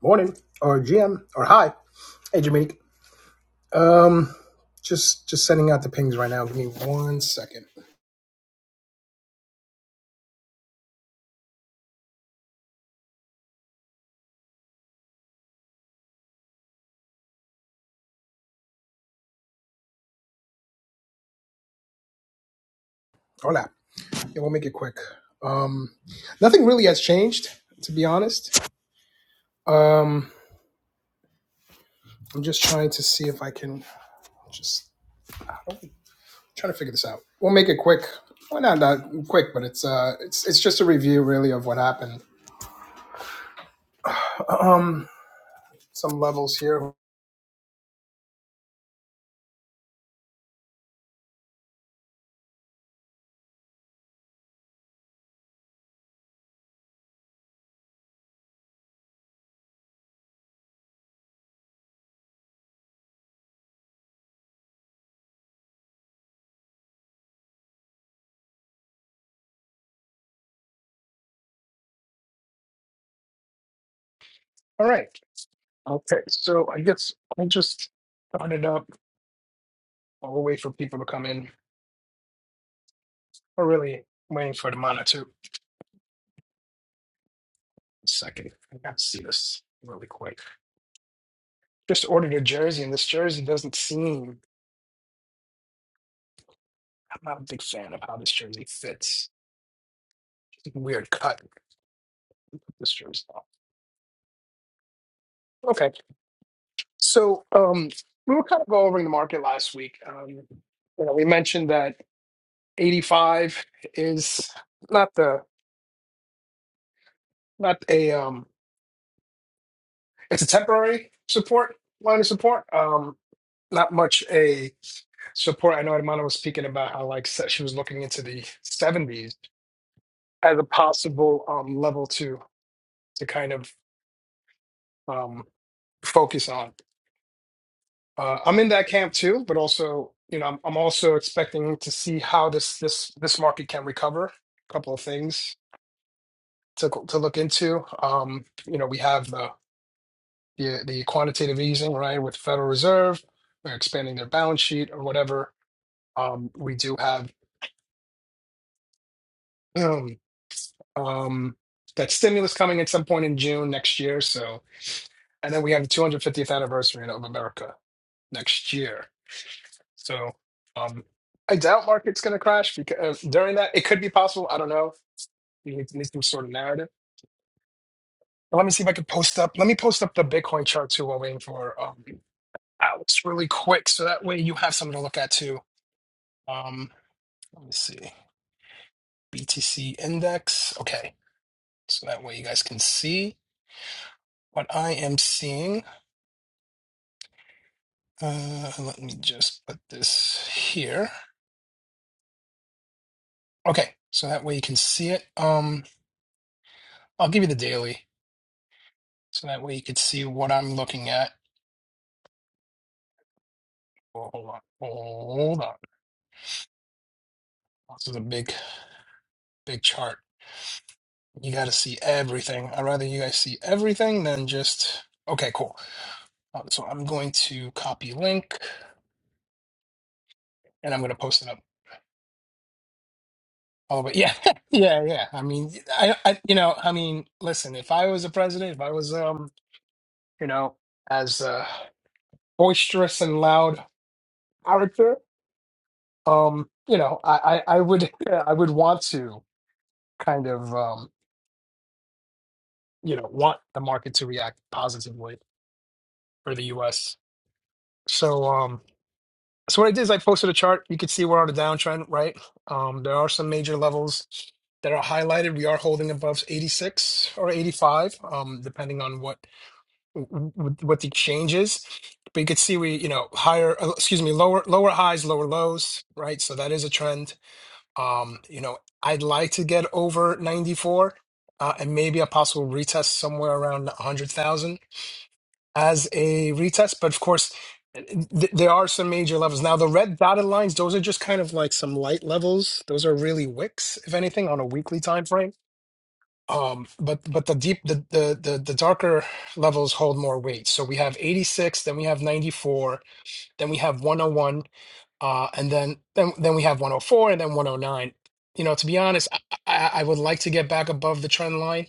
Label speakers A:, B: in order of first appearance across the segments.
A: Morning or GM or hi. Hey Jameek. Um just just sending out the pings right now. Give me one second. Hola. Yeah, we'll make it quick. Um nothing really has changed, to be honest. Um I'm just trying to see if I can just I don't, trying to figure this out. We'll make it quick. Well not not quick, but it's uh it's it's just a review really of what happened. Um some levels here. All right. Okay. So I guess I'll just turn it up. I'll wait for people to come in. We're really waiting for the monitor. A Second, I got to see this really quick. Just ordered a jersey, and this jersey doesn't seem. I'm not a big fan of how this jersey fits. Weird cut. This jersey. off. Okay, so um, we were kind of going over the market last week. Um, you know, we mentioned that 85 is not the not a um, it's a temporary support line of support. Um, not much a support. I know Hermana was speaking about how like se- she was looking into the 70s as a possible um, level to to kind of um, focus on. Uh, I'm in that camp too, but also you know I'm, I'm also expecting to see how this this this market can recover. A couple of things to to look into. Um, you know we have the the, the quantitative easing right with Federal Reserve. They're expanding their balance sheet or whatever. Um, we do have um, that stimulus coming at some point in June next year. So, and then we have the 250th anniversary of America next year. So, um, I doubt market's going to crash because during that it could be possible. I don't know. We need, need some sort of narrative. But let me see if I can post up. Let me post up the Bitcoin chart too while waiting for um, Alex really quick, so that way you have something to look at too. Um, let me see BTC index. Okay, so that way you guys can see what I am seeing. Uh, let me just put this here. Okay, so that way you can see it. Um, I'll give you the daily, so that way you could see what I'm looking at. Oh, hold on, hold on. This is a big, big chart. You got to see everything. I'd rather you guys see everything than just. Okay, cool. Uh, so I'm going to copy link, and I'm going to post it up. Oh, but yeah, yeah, yeah. I mean, I, I, you know, I mean, listen. If I was a president, if I was, um, you know, as uh, boisterous and loud character, um, you know, I, I, I would I would want to kind of um, you know want the market to react positively for the U.S. So um, so what I did is I posted a chart. You can see we're on a downtrend, right? Um, there are some major levels that are highlighted. We are holding above 86 or 85, um, depending on what what the exchange is. But you could see we, you know, higher, uh, excuse me, lower lower highs, lower lows, right? So that is a trend Um, you know, I'd like to get over 94 uh, and maybe a possible retest somewhere around 100,000 as a retest. But of course, th- there are some major levels. Now, the red dotted lines, those are just kind of like some light levels. Those are really wicks, if anything, on a weekly time frame. Um, but but the deep the, the the the darker levels hold more weight. So we have 86, then we have 94, then we have 101, uh, and then then then we have 104 and then 109. You know, to be honest, I, I, I would like to get back above the trend line.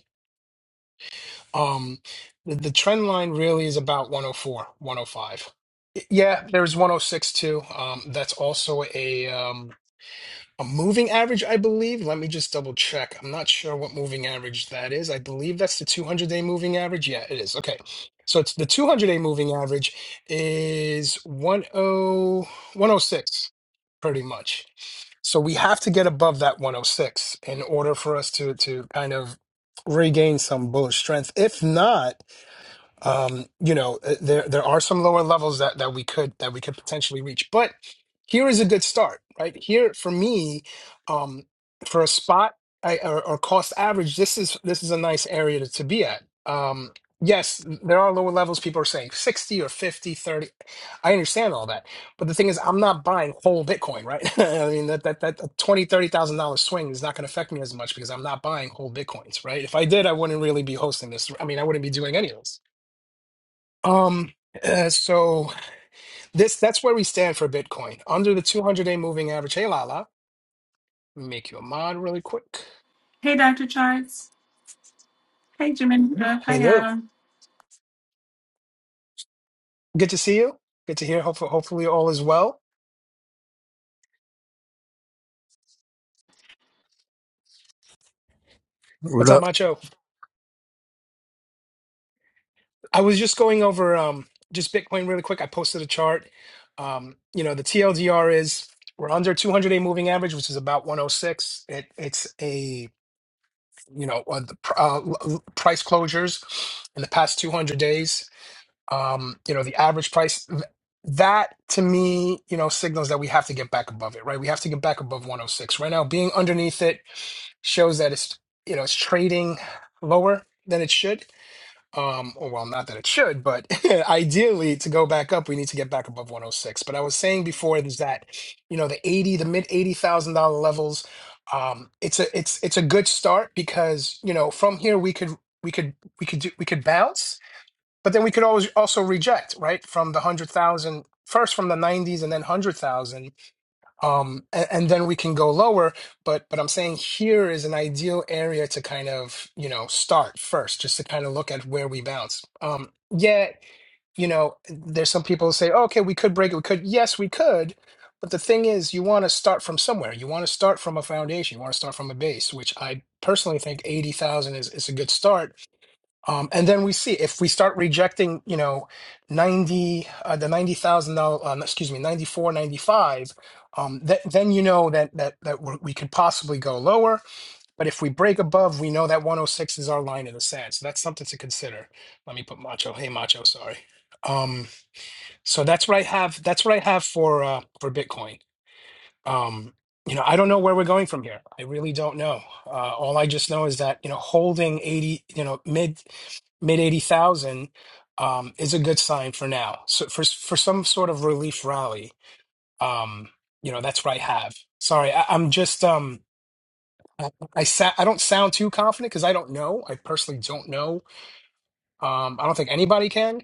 A: Um, the, the trend line really is about 104, 105. Yeah, there's 106 too. Um, that's also a um, a moving average, I believe. Let me just double check. I'm not sure what moving average that is. I believe that's the 200 day moving average. Yeah, it is. Okay. So it's the 200 day moving average is 10106, pretty much. So we have to get above that 106 in order for us to to kind of regain some bullish strength. If not, um, you know, uh, there there are some lower levels that that we could that we could potentially reach. But here is a good start, right? Here for me, um, for a spot I, or, or cost average, this is this is a nice area to, to be at. Um, yes, there are lower levels. People are saying 60 or 50, 30. I understand all that. But the thing is, I'm not buying whole Bitcoin, right? I mean, that that that twenty, thirty thousand dollar swing is not going to affect me as much because I'm not buying whole Bitcoins, right? If I did, I wouldn't really be hosting this. I mean, I wouldn't be doing any of this um, uh, so this that's where we stand for Bitcoin. Under the 200-day moving average. Hey, Lala, let me make you a mod really quick.
B: Hey, Dr. Charts. Hey, Jamaica. Hi,
A: Hello.
B: Adam.
A: Good to see you. Good to hear. Hopefully, hopefully all is well.
C: What
A: What's up,
C: up?
A: Macho? I was just going over um just Bitcoin really quick. I posted a chart. Um, you know, the TLDR is we're under 200-day moving average, which is about 106. It it's a you know uh, the pr- uh, l- l- price closures in the past 200 days. um, you know, the average price. Th- That to me, you know, signals that we have to get back above it, right? We have to get back above 106. Right now, being underneath it shows that it's, you know, it's trading lower than it should. Um, or well, not that it should, but ideally to go back up, we need to get back above 106. But I was saying before is that, you know, the 80, the mid $80,000 levels, um, it's a, it's, it's a good start because, you know, from here we could, we could, we could do, we could bounce but then we could always also reject, right, from the hundred thousand first from the nineties and then hundred thousand, um, and, and then we can go lower. But but I'm saying here is an ideal area to kind of you know start first, just to kind of look at where we bounce. Um, yeah, you know, there's some people who say, oh, okay, we could break it, we could, yes, we could. But the thing is, you want to start from somewhere. You want to start from a foundation. You want to start from a base, which I personally think eighty thousand is is a good start um, and then we see if we start rejecting, you know, 90, uh, the 90,000, uh, no, excuse me, 94, 95. um, th- then you know that, that, that we're, we could possibly go lower. But if we break above, we know that 106 is our line in the sand. So that's something to consider. Let me put macho. Hey, macho, sorry. Um, so that's what I have. That's what I have for, uh, for Bitcoin um you know i don't know where we're going from here i really don't know uh all i just know is that you know holding 80 you know mid mid 80,000 um is a good sign for now so for for some sort of relief rally um you know that's what i have sorry I, i'm just um I, I sa- I don't sound too confident because I don't know. I personally don't know. Um, I don't think anybody can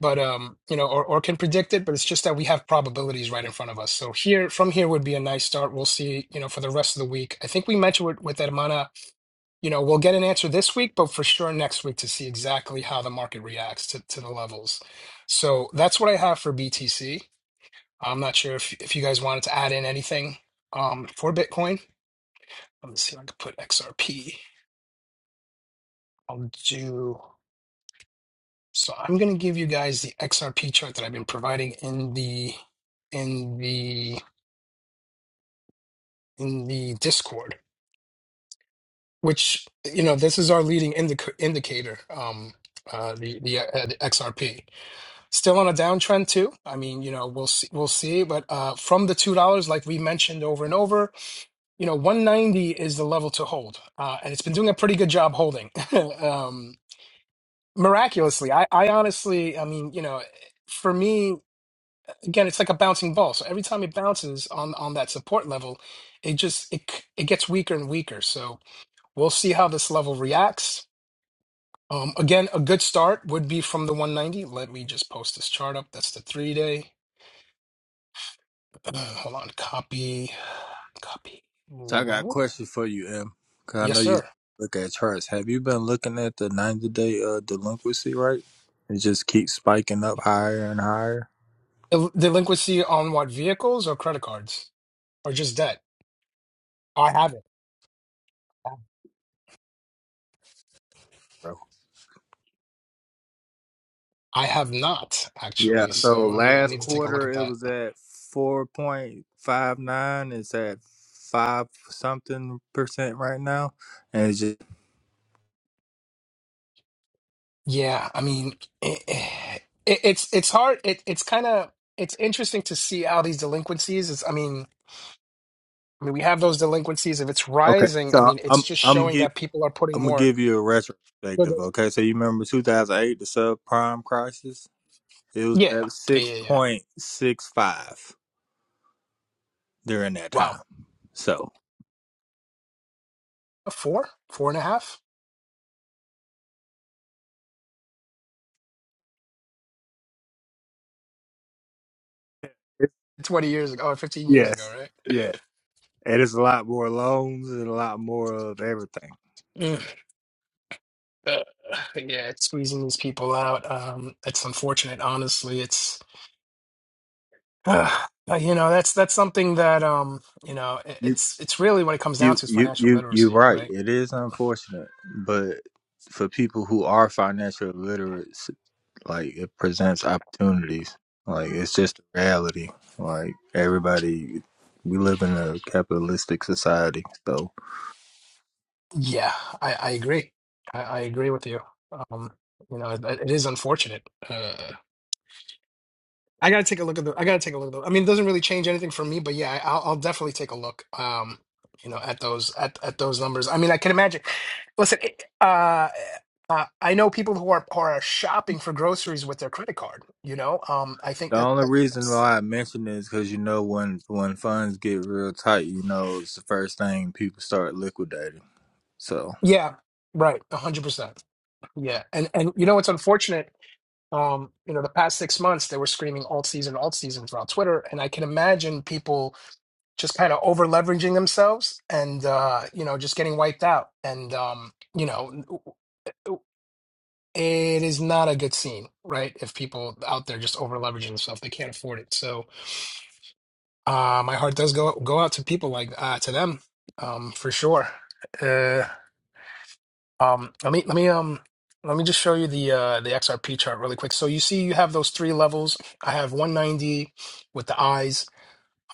A: but um you know or, or can predict it but it's just that we have probabilities right in front of us so here from here would be a nice start we'll see you know for the rest of the week i think we mentioned with, with hermana you know we'll get an answer this week but for sure next week to see exactly how the market reacts to, to the levels so that's what i have for btc i'm not sure if, if you guys wanted to add in anything um for bitcoin let me see if i can put xrp i'll do so i'm going to give you guys the xrp chart that i've been providing in the in the in the Discord, which you know this is our leading indic- indicator. Um, uh, the the, uh, the XRP still on a downtrend too. I mean, you know, we'll see, we'll see. But uh, from the two dollars, like we mentioned over and over, you know, one ninety is the level to hold, uh, and it's been doing a pretty good job holding. um, miraculously, I, I honestly, I mean, you know, for me, again, it's like a bouncing ball. So every time it bounces on on that support level, it just it c- it gets weaker and weaker. So We'll see how this level reacts. Um, again, a good start would be from the 190. Let me just post this chart up. That's the three day. Uh, hold on. Copy. Copy.
C: So I got a
A: link.
C: question for you, M. Cause I
A: Yes,
C: know you
A: sir.
C: look at charts. Have you been looking at the ninety day uh delinquency rate? It just keeps spiking up higher and higher.
A: Del- delinquency on what vehicles or credit cards or just debt? I have it.
C: Bro.
A: I have not
C: Yeah.
A: actually.
C: So
A: So I mean, I
C: last
A: need to take a look
C: quarter
A: at
C: it
A: that.
C: was at four point five nine. It's at five something percent right now, and it's just
A: Yeah, I mean, it, it, it's it's hard. It, it's kind of it's interesting to see how these delinquencies. Is I mean. I mean, we have those delinquencies. If it's
C: okay.
A: rising, I
C: So
A: mean, it's
C: I'm
A: just
C: I'm
A: showing
C: give
A: that people are putting
C: I'm gonna
A: more.
C: give you a retrospective.
A: Yeah,
C: Okay. So you remember two thousand eight, the subprime crisis? It was
A: yeah,
C: at six
A: yeah, yeah.
C: point six five. during that
A: Wow,
C: time. So
A: four, four and a half.
C: It's,
A: Twenty years ago, or fifteen years ago,
C: yes,
A: right?
C: yes, and it's a lot more loans and a lot more of everything.
A: Mm. Uh, yeah, it's squeezing these people out. Um, it's unfortunate, honestly. It's uh, you know that's that's something that um you know it-
C: you
A: it's it's really when it comes down
C: you
A: to is
C: you
A: financial
C: you you're
A: literacy,
C: right.
A: right?
C: It is unfortunate, but for people who are financial illiterate, like it presents opportunities. Like it's just a reality. Like everybody, we live in a capitalistic society, so.
A: Yeah, I, I agree. I, I agree with you. Um, you know, it, it is unfortunate. Uh, I gotta take a look at the. I gotta take a look at the. I mean, it doesn't really change anything for me, but yeah, I- I'll, I'll definitely take a look. Um, you know, at those at, at those numbers. I mean, I can imagine. Listen, it, uh, uh, I know people who are who are shopping for groceries with their credit card. You know, um, I think
C: The
A: that,
C: only
A: that
C: reason
A: that's
C: why I mention is because you know when when funds get real tight, you know it's the first thing people start liquidating. So
A: yeah, right, a hundred percent. Yeah, and and you know what's unfortunate. Um, you know, the past six months they were screaming alt season, alt season throughout Twitter, and I can imagine people just kind of over leveraging themselves and uh, you know just getting wiped out and um, you know it is not a good scene right if people out there just over leveraging themselves they can't afford it so uh, my heart does go go out to people like uh, to them um, for sure uh, um, let me let me um let me just show you the uh, the XRP chart really quick so you see you have those three levels I have 190 with the eyes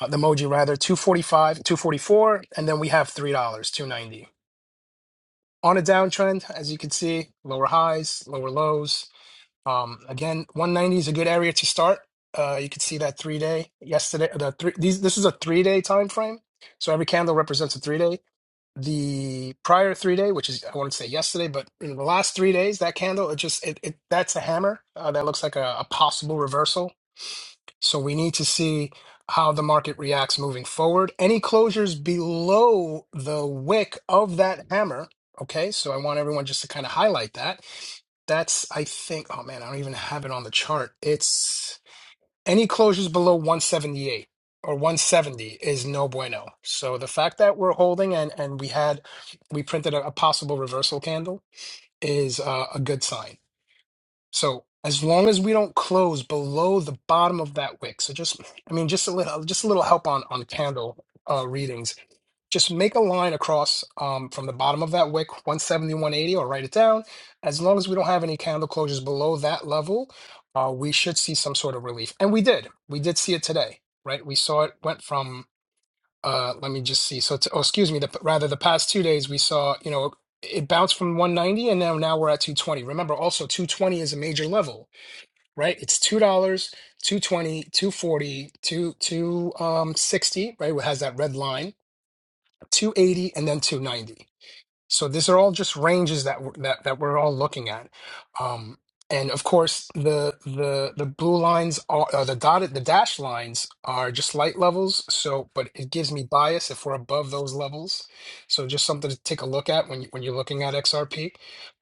A: uh, the emoji rather 245 244 and then we have $3 290 on a downtrend, as you can see, lower highs, lower lows. Um, again, 190 is a good area to start. Uh, you can see that three day yesterday. The three these this is a three day time frame, so every candle represents a three day. The prior three day, which is I wouldn't say yesterday, but in the last three days, that candle it just it, it that's a hammer. Uh, that looks like a, a possible reversal. So we need to see how the market reacts moving forward. Any closures below the wick of that hammer. Okay, so I want everyone just to kind of highlight that. That's, I think, oh man, I don't even have it on the chart. It's any closures below 178 or 170 is no bueno. So the fact that we're holding and and we had we printed a, a possible reversal candle is uh, a good sign. So as long as we don't close below the bottom of that wick, so just I mean just a little just a little help on on candle uh, readings. Just make a line across um, from the bottom of that wick, one 180, or write it down. As long as we don't have any candle closures below that level, uh, we should see some sort of relief. And we did. We did see it today, right? We saw it went from, uh, let me just see. So, it's, oh, excuse me, the, rather the past two days, we saw, you know, it bounced from 190 and now now we're at 220 remember also 220 is a major level right? It's two dollars, two twenty, two forty, two two um sixty, right? It has that red line, two eighty, and then two ninety. So these are all just ranges that we're, that that we're all looking at, um, and of course the the the blue lines are uh, the dotted the dashed lines are just light levels. So, but it gives me bias if we're above those levels. So just something to take a look at when you, when you're looking at XRP.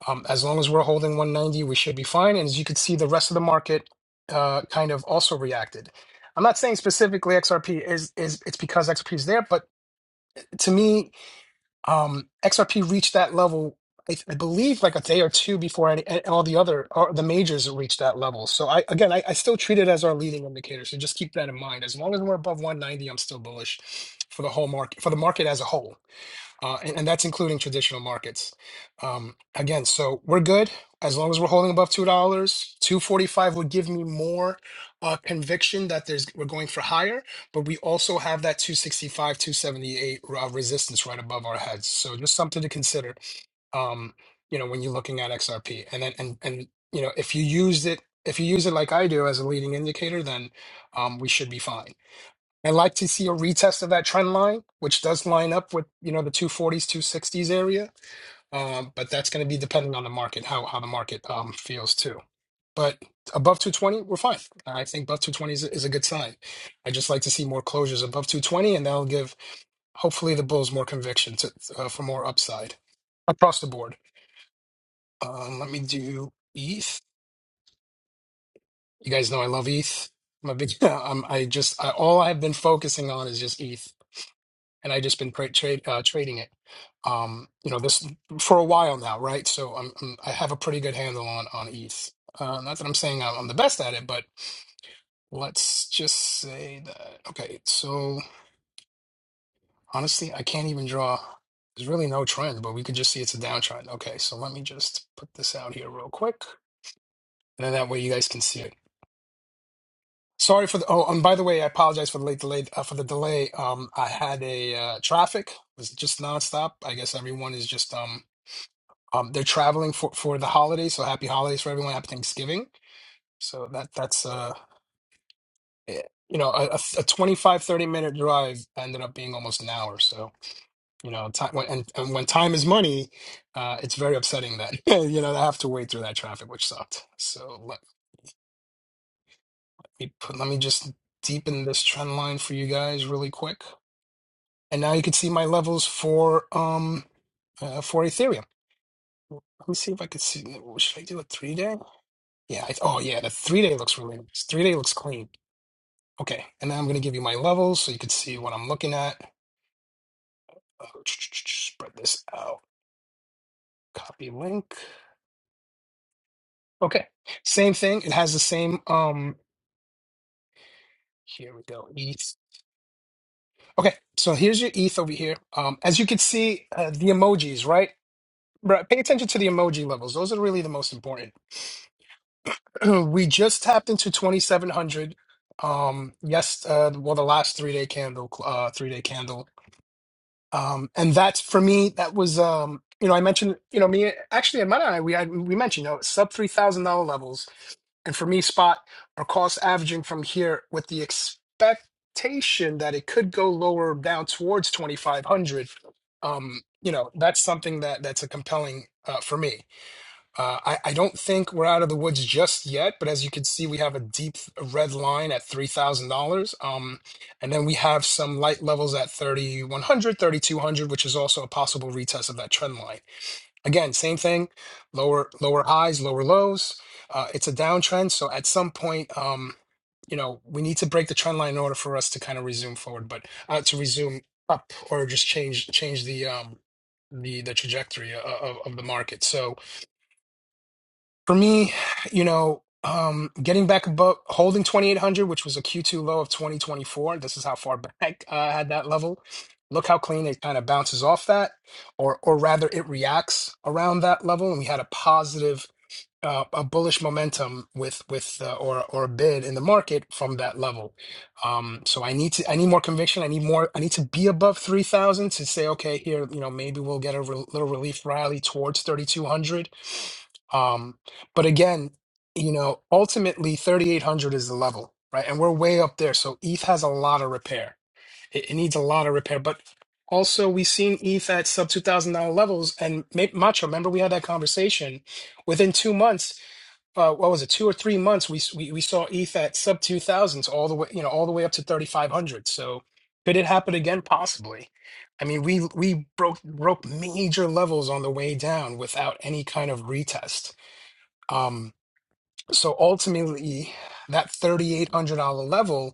A: Um, as long as we're holding 190, we should be fine. And as you can see, the rest of the market uh, kind of also reacted. I'm not saying specifically XRP is is it's because XRP is there, but to me um, XRP reached that level, I, I believe, like a day or two before any, a- all the other or the majors reached that level. So I again, I, I still treat it as our leading indicator. So just keep that in mind. As long as we're above 190, I'm still bullish for the whole market, for the market as a whole uh, and, and that's including traditional markets. Um, again, so we're good as long as we're holding above two dollars. Two forty five would give me more uh, conviction that there's we're going for higher, but we also have that two sixty five, two seventy eight uh, resistance right above our heads. So just something to consider. Um, you know, when you're looking at XRP, and then and and you know, if you use it. If you use it like I do as a leading indicator, then um, we should be fine and like to see a retest of that trend line, which does line up with you know the 240s, 260s area. Um, but that's going to be dependent on the market, how how the market um, feels too. But above 220, we're fine. I think above 220 is, is a good sign. I just like to see more closures above 220, and that'll give hopefully the bulls more conviction to uh, for more upside across the board. Um, let me do ETH. You guys know I love ETH. I'm a big. I'm, I just I, all I've been focusing on is just ETH and I just been pra- trade uh, trading it. Um, you know this for a while now, right? So I'm, I'm I have a pretty good handle on on ETH. Uh, not that I'm saying I'm, I'm the best at it, but let's just say that. Okay, so honestly, I can't even draw. There's really no trend, but we could just see it's a downtrend. Okay, so let me just put this out here real quick, and then that way you guys can see it. Sorry for the. Oh, and by the way, I apologize for the late delay. Uh, for the delay, um, I had a uh, traffic was just nonstop. I guess everyone is just um Um, they're traveling for for the holidays, so happy holidays for everyone. Happy Thanksgiving. So that that's uh eh, you know a, a a 25 thirty minute drive ended up being almost an hour. So you know time when, and, and when time is money, uh, it's very upsetting that you know I have to wait through that traffic, which sucked. So let me put let me just deepen this trend line for you guys really quick, and now you can see my levels for um uh, for Ethereum. Let me see if I could see. Should I do a three day? Yeah. I, oh, yeah. The three day looks really nice. Three day looks clean. Okay. And then I'm going to give you my levels so you can see what I'm looking at. Uh, Spread this out. Copy link. Okay. Same thing. It has the same. Um. Here we go. ETH. Okay. So here's your ETH over here. Um. As you can see, uh, the emojis, right? Right. Pay attention to the emoji levels. Those are really the most important. we just tapped into 2,700. Um. Yes. Uh. Well, the last three day candle. Uh. Three day candle. um and that's for me that was um you know i mentioned you know me actually and Mara and i we I, we mentioned you know sub three thousand dollar levels and for me spot or cost averaging from here with the expectation that it could go lower down towards 2500 um you know that's something that that's a compelling uh for me uh, I, I don't think we're out of the woods just yet, but as you can see, we have a deep red line at $3,000. Um, and then we have some light levels at thirty, one hundred, thirty-two hundred, which is also a possible retest of that trend line. Again, same thing, lower lower highs, lower lows. Uh, it's a downtrend. So at some point, um, you know, we need to break the trend line in order for us to kind of resume forward, but uh, to resume up or just change change the um, the the trajectory uh, of, of the market. So for me, you know, um, getting back above holding 2800, which was a Q2 low of 2024. This is how far back uh, I had that level. Look how clean it kind of bounces off that, or or rather, it reacts around that level. And we had a positive uh, a bullish momentum with with uh, or or a bid in the market from that level. Um, so I need to I need more conviction. I need more. I need to be above three thousand to say okay here. You know maybe we'll get a re- little relief rally towards thirty two hundred. Um, but again, you know ultimately thirty eight hundred is the level, right? And we're way up there. So ETH has a lot of repair. It, it needs a lot of repair, but also we've seen ETH at sub two thousand dollar levels. And Ma- Macho, remember we had that conversation within two months uh, what was it, two or three months, we s- we, we saw ETH at sub two thousands all the way, you know, all the way up to thirty five hundred. So could it happen again? Possibly. I mean, we we broke broke major levels on the way down without any kind of retest. Um, so ultimately, that thirty eight hundred dollar level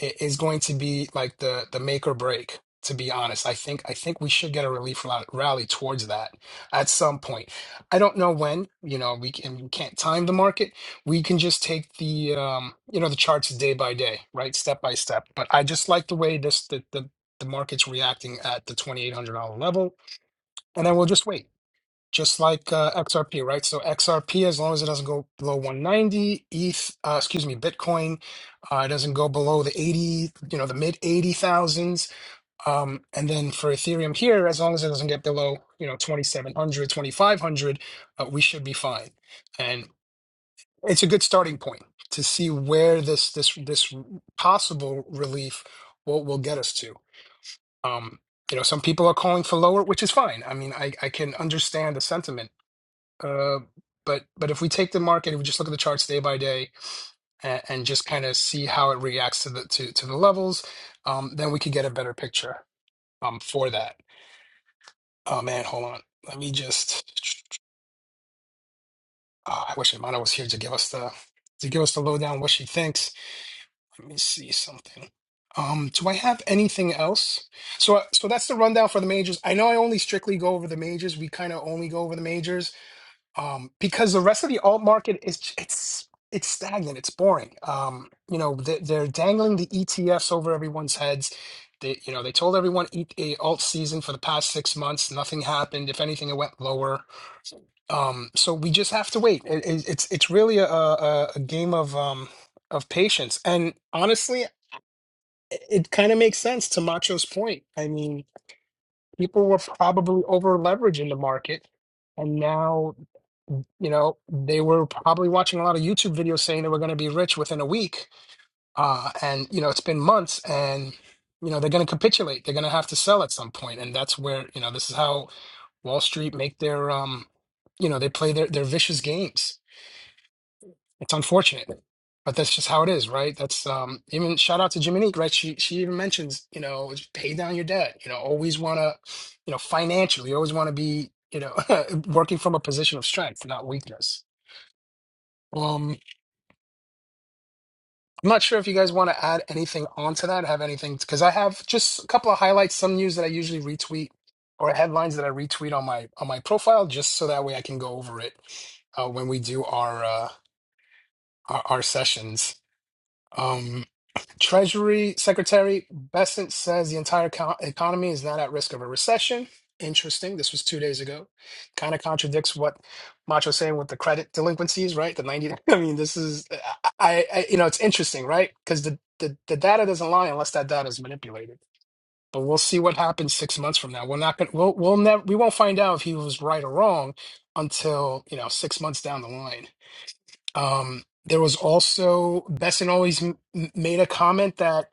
A: i- is going to be like the the make or break. To be honest, I think I think we should get a relief rally rally towards that at some point. I don't know when. You know, we can we can't time the market. We can just take the um, you know the charts day by day, right, step by step. But I just like the way this the the, the market's reacting at the twenty eight hundred dollar level, and then we'll just wait just like uh, XRP, right? So XRP, as long as it doesn't go below 190, ETH, uh, excuse me, Bitcoin, uh, it doesn't go below the 80, you know, the mid 80,000s. Um, and then for Ethereum here, as long as it doesn't get below, you know, 2,700, 2,500, uh, we should be fine. And it's a good starting point to see where this this this possible relief will will get us to. Um, you know, some people are calling for lower, which is fine. I mean, I, I can understand the sentiment uh, but but if we take the market, if we just look at the charts day by day and, and just kind of see how it reacts to the to, to the levels, um, then we could get a better picture um, for that. Oh man, hold on. Let me just. ah, I wish Imana was here to give us the to give us the lowdown what she thinks. Let me see something. Um, do I have anything else? So so that's the rundown for the majors. I know I only strictly go over the majors. We kind of only go over the majors um, because the rest of the alt market is j- it's it's stagnant, it's boring. Um, you know, they, they're dangling the ETFs over everyone's heads. They, you know, they told everyone eat a alt season for the past six months. Nothing happened. If anything, it went lower. Um, so we just have to wait. It, it, it's it's really a, a, a game of um, of patience. And honestly, it kind of makes sense to Macho's point. I mean, people were probably over leveraged in the market, and now you know, they were probably watching a lot of YouTube videos saying they were going to be rich within a week. Uh, and, you know, it's been months and, you know, they're going to capitulate. They're going to have to sell at some point. And that's where, you know, this is how Wall Street make their, um, you know, they play their, their vicious games. It's unfortunate, but that's just how it is, right? That's um, even shout out to Jiminique, right? She, she even mentions, you know, pay down your debt, you know, always want to, you know, financially, always want to be, you know, working from a position of strength, not weakness. Um, I'm not sure if you guys want to add anything onto that, have anything, because I have just a couple of highlights, some news that I usually retweet or headlines that I retweet on my on my profile, just so that way I can go over it uh, when we do our uh, our, our sessions. Um, Treasury Secretary Bessent says the entire co- economy is not at risk of a recession. Interesting. This was two days ago. Kind of contradicts what Macho's saying with the credit delinquencies, right? The 90. I mean, this is, I, I I- you know, it's interesting, right? Because the, the, the data doesn't lie unless that data is manipulated. But we'll see what happens six months from now. We're not going to, we'll, we'll never, we won't find out if he was right or wrong until, you know, six months down the line. Um, there was also, Bessent always m- m- made a comment that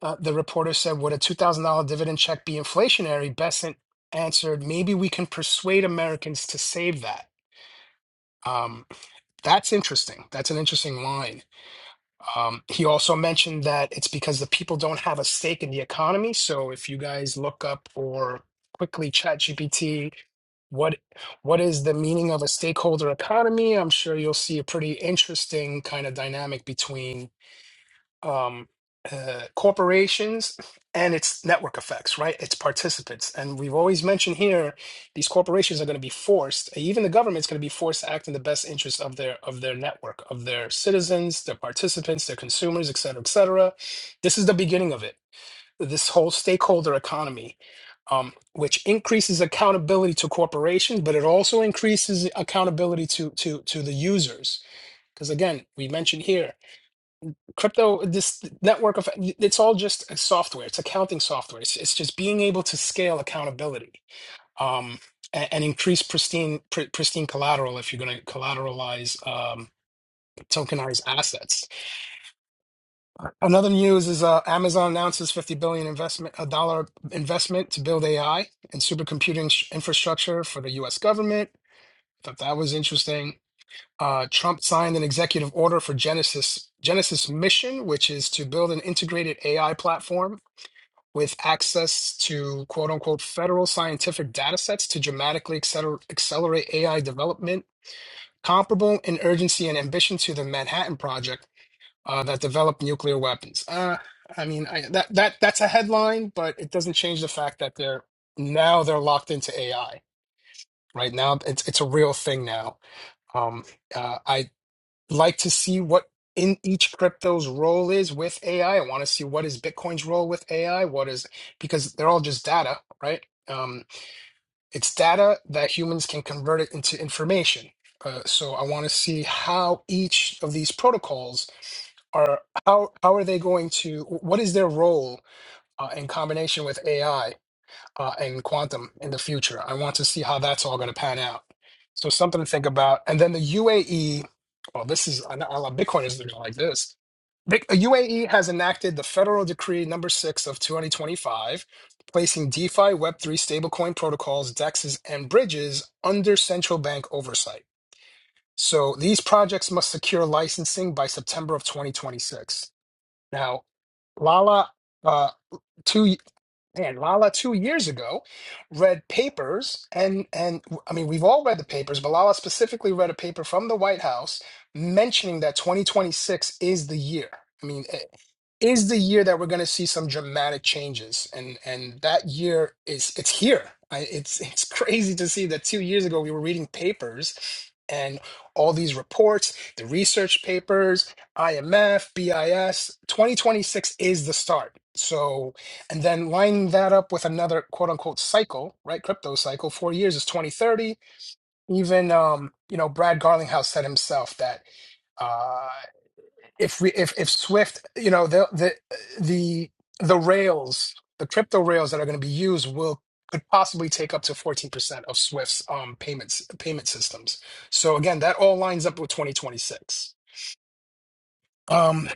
A: uh, the reporter said, Would a $2,000 dividend check be inflationary? Besant answered, Maybe we can persuade Americans to save that. Um, that's interesting. That's an interesting line. Um, he also mentioned that it's because the people don't have a stake in the economy. So if you guys look up or quickly chat GPT, what what is the meaning of a stakeholder economy? I'm sure you'll see a pretty interesting kind of dynamic between um, uh, corporations and its network effects, right? Its participants. And we've always mentioned here, these corporations are going to be forced, even the government's going to be forced to act in the best interest of their of their network, of their citizens, their participants, their consumers, et cetera, et cetera. This is the beginning of it. This whole stakeholder economy. Um, which increases accountability to corporations, but it also increases accountability to to to the users. Because again, we mentioned here crypto this network of it's all just a software it's accounting software it's, it's just being able to scale accountability um a- and, increase pristine pr- pristine collateral if you're going to collateralize um tokenize assets another news is uh amazon announces 50 billion investment a dollar investment to build ai and supercomputing sh- infrastructure for the us government thought that was interesting uh, Trump signed an executive order for Genesis Genesis Mission, which is to build an integrated AI platform with access to quote unquote federal scientific data sets to dramatically acceler- accelerate AI development, comparable in urgency and ambition to the Manhattan Project uh, that developed nuclear weapons. Uh, I mean, I, that that that's a headline, but it doesn't change the fact that they're now they're locked into AI. Right now, it's it's a real thing now. Um, uh, I like to see what in each crypto's role is with AI. I I want to see what is Bitcoin's role with AI. What is because they're all just data, right? Um, it's data that humans can convert it into information. Uh, so I want to see how each of these protocols are how how are they going to what is their role uh, in combination with AI uh, and quantum in the future. I want to see how that's all going to pan out. So something to think about. And then the UAE, well, this is I know I love Bitcoin is gonna like this. Big- UAE has enacted the federal decree number six of 2025, placing DeFi, Web3, stablecoin protocols, DEXs, and bridges under central bank oversight. So these projects must secure licensing by September of 2026. Now, Lala, uh, two and Lala two years ago read papers and and I mean we've all read the papers, but Lala specifically read a paper from the White House mentioning that 2026 is the year. I mean, is the year that we're going to see some dramatic changes and and that year is it's here I, it's it's crazy to see that two years ago we were reading papers and all these reports the research papers imf bis 2026 is the start so and then lining that up with another quote unquote cycle right crypto cycle four years is 2030 even um you know brad garlinghouse said himself that uh, if we if if Swift, you know, the the the the rails, the crypto rails that are going to be used will could possibly take up to 14% of Swift's um payments payment systems. So again, that all lines up with 2026. Um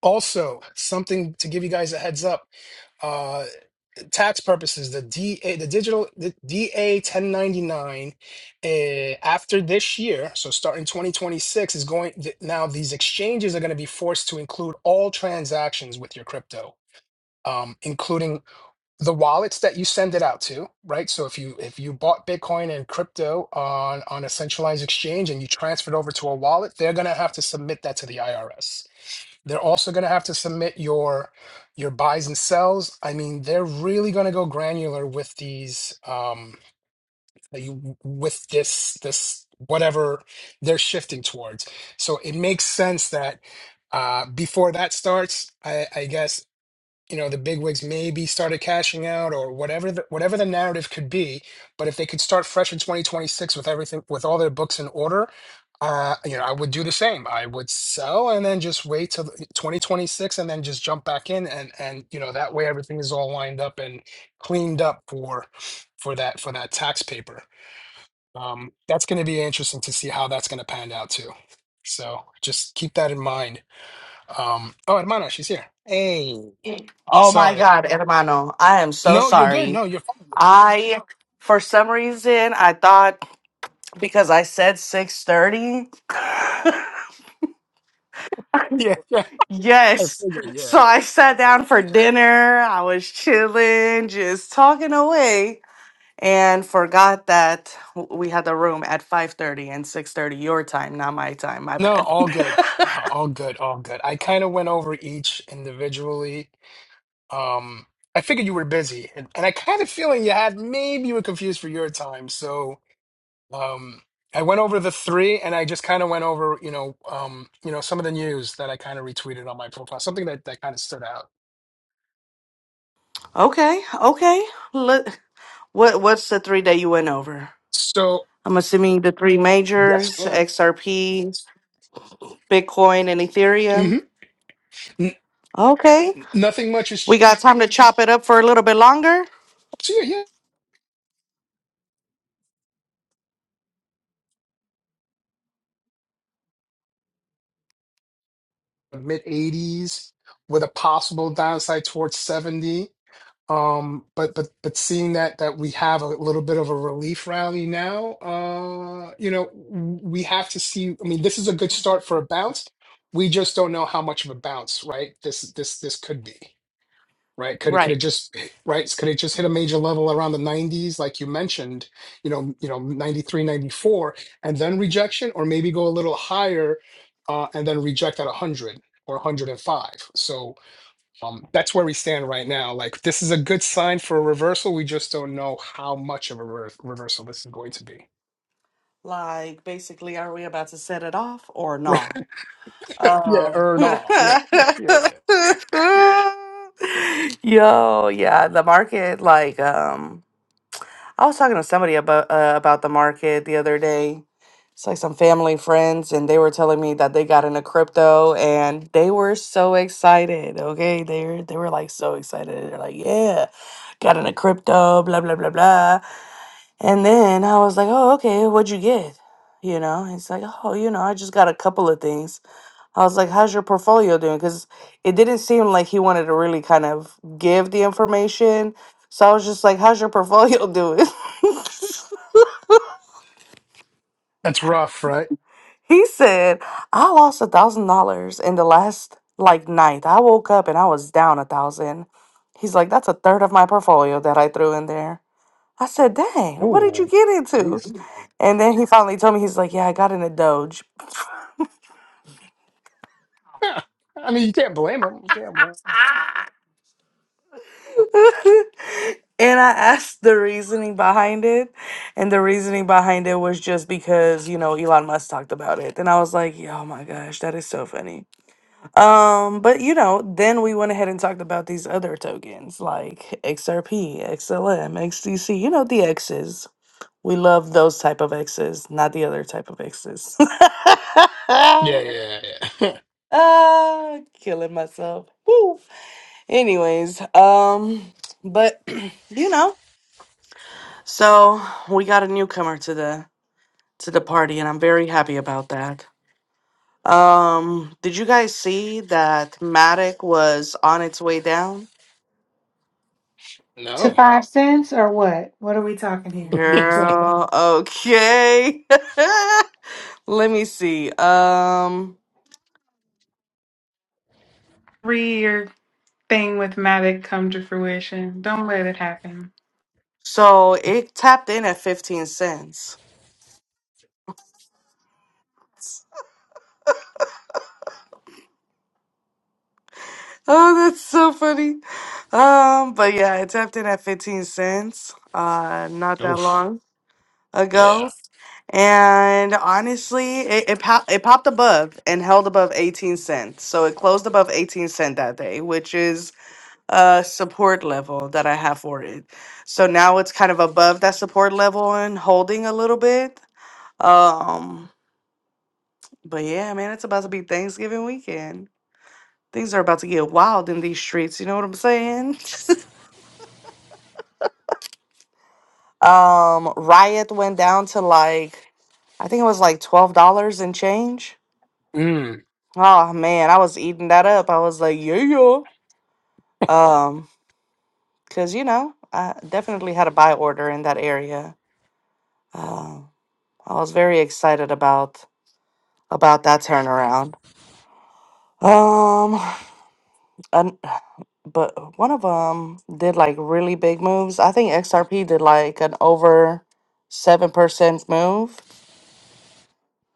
A: also, something to give you guys a heads up. uh, tax purposes, the DA, the digital, the DA 1099, uh, after this year, so starting 2026, is going th- now. These exchanges are going to be forced to include all transactions with your crypto, um, including the wallets that you send it out to, right? So if you if you bought Bitcoin and crypto on on a centralized exchange and you transferred over to a wallet, they're going to have to submit that to the IRS. They're also going to have to submit your your buys and sells. I mean, they're really going to go granular with these um that you- with this this whatever they're shifting towards. So it makes sense that uh before that starts, I I guess you know the bigwigs maybe started cashing out or whatever the, whatever the narrative could be but if they could start fresh in 2026 with everything with all their books in order uh you know i would do the same i would sell and then just wait till the- 2026 and then just jump back in and and you know that way everything is all lined up and cleaned up for for that for that tax paper um that's going to be interesting to see how that's going to pan out too so just keep that in mind um oh hermana she's here hey
D: Oh my
A: Sorry.
D: God, hermano, I am so
A: No, you're good.
D: sorry.
A: No, you're fine.
D: I, for some reason, I thought because I said 6:30.
A: Yeah, yeah. I
D: yes.
A: figured.
D: So
A: Yeah.
D: I sat down for dinner. I was chilling, just talking away, and forgot that w- we had the room at 5:30 and 6:30 your time, not my time. My
A: No,
D: bad.
A: all good. No, all good. All good. I kind of went over each individually. Um, I figured you were busy, and, and I kind of feeling you had maybe you were confused for your time. So, um, I went over the three, and I just kind of went over, you know, um, you know, some of the news that I kind of retweeted on my profile, something that that kind of stood out.
D: okay. Okay. Let, what what's the three that you went over?
A: So,
D: I'm assuming the three
A: yes,
D: majors,
A: ma'am.
D: XRP, Bitcoin, and Ethereum.
A: Mm-hmm. N-
D: Okay.
A: nothing much
D: We
A: is.
D: got time to chop it up for a little bit longer?
A: so yeah, yeah, mid 80s with a possible downside towards 70 um but but but seeing that that we have a little bit of a relief rally now uh you know we have to see i mean this is a good start for a bounce we just don't know how much of a bounce right this this this could be right? Could it could it
D: Right.
A: just right? Could it just hit a major level around the 90s, like you mentioned, you know, you know, 93, 94, and then rejection, or maybe go a little higher uh, and then reject at 100 or 105. So um, that's where we stand right now. Like this is a good sign for a reversal. We just don't know how much of a rever- reversal this is going to be.
D: Like, basically, are we about to set it off or not?
A: yeah,
D: Um.
A: or not. Yeah, yeah, yeah.
D: Yo, yeah, the market, like, um, I was talking to somebody about uh, about the market the other day. It's like some family friends, and they were telling me that they got into crypto, and they were so excited. Okay, they were they were like so excited. They're like, "Yeah, got into crypto, blah blah blah blah." And then I was like, "Oh, okay, what'd you get?" You know, it's like, "Oh, you know, I just got a couple of things." I was like, "How's your portfolio doing?" Because it didn't seem like he wanted to really kind of give the information. So I was just like, "How's your portfolio doing?"
A: That's rough, right?
D: He said, I lost a thousand dollars in the last like night. I woke up and I was down a thousand. He's like, that's a third of my portfolio that I threw in there. I said, dang, what did
A: Oh,
D: you get into?
A: jeez.
D: And then he finally told me, he's like, yeah, I got in a Doge.
A: I mean, you can't blame them. You can't blame.
D: and I asked the reasoning behind it. And the reasoning behind it was just because, you know, Elon Musk talked about it. And I was like, oh my gosh, that is so funny. Um, but you know, then we went ahead and talked about these other tokens like XRP, XLM, XDC, you know, the X's. We love those type of X's, not the other type of X's.
A: Yeah, yeah, yeah.
D: Ah, killing myself. Woo. Anyways, um, but you know, so we got a newcomer to the to the party, and I'm very happy about that. Um, did you guys see that Matic was on its way down?
B: To
A: No.
B: five cents or what? What are we talking here when you say that?
D: Girl, okay. Let me see. Um,
B: Three year thing with Mavic come to fruition. Don't let it happen.
D: so it tapped in at 15 cents. Oh, that's so funny. Um, but yeah, it tapped in at 15 cents, uh, not that
A: Oof.
D: long
A: Yeah.
D: ago. And honestly, it it, pop, it popped above and held above 18 cents. So it closed above 18 cent that day, which is uh support level that I have for it. So now it's kind of above that support level and holding a little bit. Um but yeah, man, it's about to be Thanksgiving weekend. Things are about to get wild in these streets, you know what I'm saying? um riot went down to like I think it was like $12 and change.
A: Mm.
D: Oh man, I was eating that up. I was like, "Yeah." yeah, Um cuz you know, I definitely had a buy order in that area. Um I was very excited about. about that turnaround. Um, and, but one of them did like really big moves. I think XRP did like an over seven percent move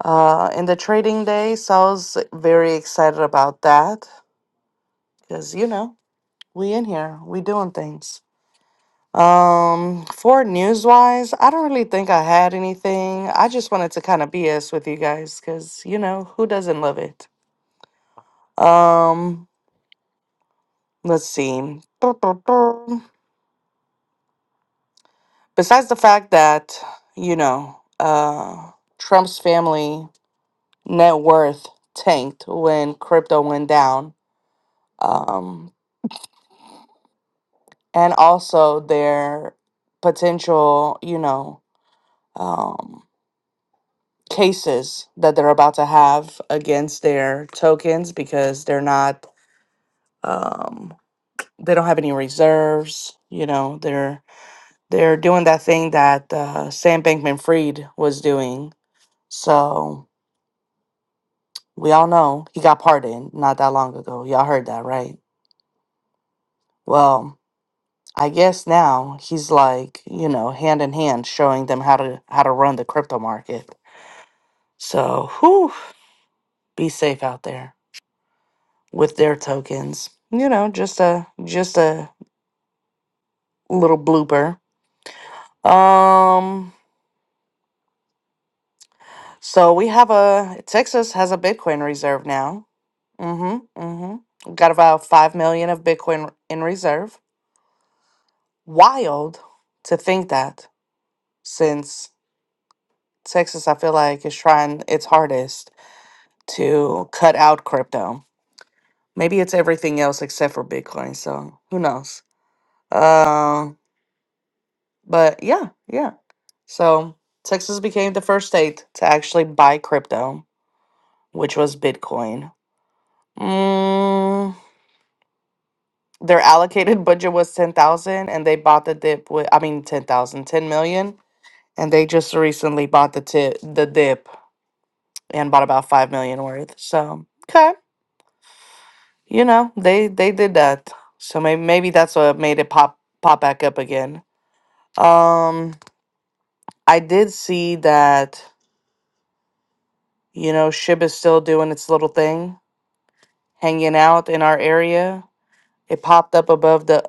D: uh in the trading day. So I was very excited about that because you know we in here we doing things. Um, for news wise, I don't really think I had anything. I just wanted to kind of BS with you guys because you know who doesn't love it. Um, let's see. besides the fact that you know uh, Trump's family net worth tanked when crypto went down, um, and also their potential, you know, um, cases that they're about to have against their tokens because they're not um, they don't have any reserves. You know, they're they're doing that thing that uh, Sam Bankman Fried was doing. So We all know he got pardoned not that long ago. Y'all heard that, right? Well, I guess now he's like, you know, hand in hand showing them how to how to run the crypto market. So, whew, be safe out there with their tokens. You know, just a just a little blooper. Um so we have a Texas has a Bitcoin reserve now. Mhm. Mhm. We've got about 5 million of Bitcoin in reserve. Wild to think that since Texas, I feel like, is trying its hardest to cut out crypto. Maybe it's everything else except for Bitcoin. So who knows? Um, but yeah, yeah. So Texas became the first state to actually buy crypto, which was Bitcoin. Mm, their allocated budget was 10,000 and they bought the dip with, I mean, ten thousand, ten million, And they just recently bought the tip, the dip and bought about 5 million worth. So, okay. you know they they did that so maybe maybe that's what made it pop pop back up again um i did see that you know shib is still doing its little thing hanging out in our area it popped up above the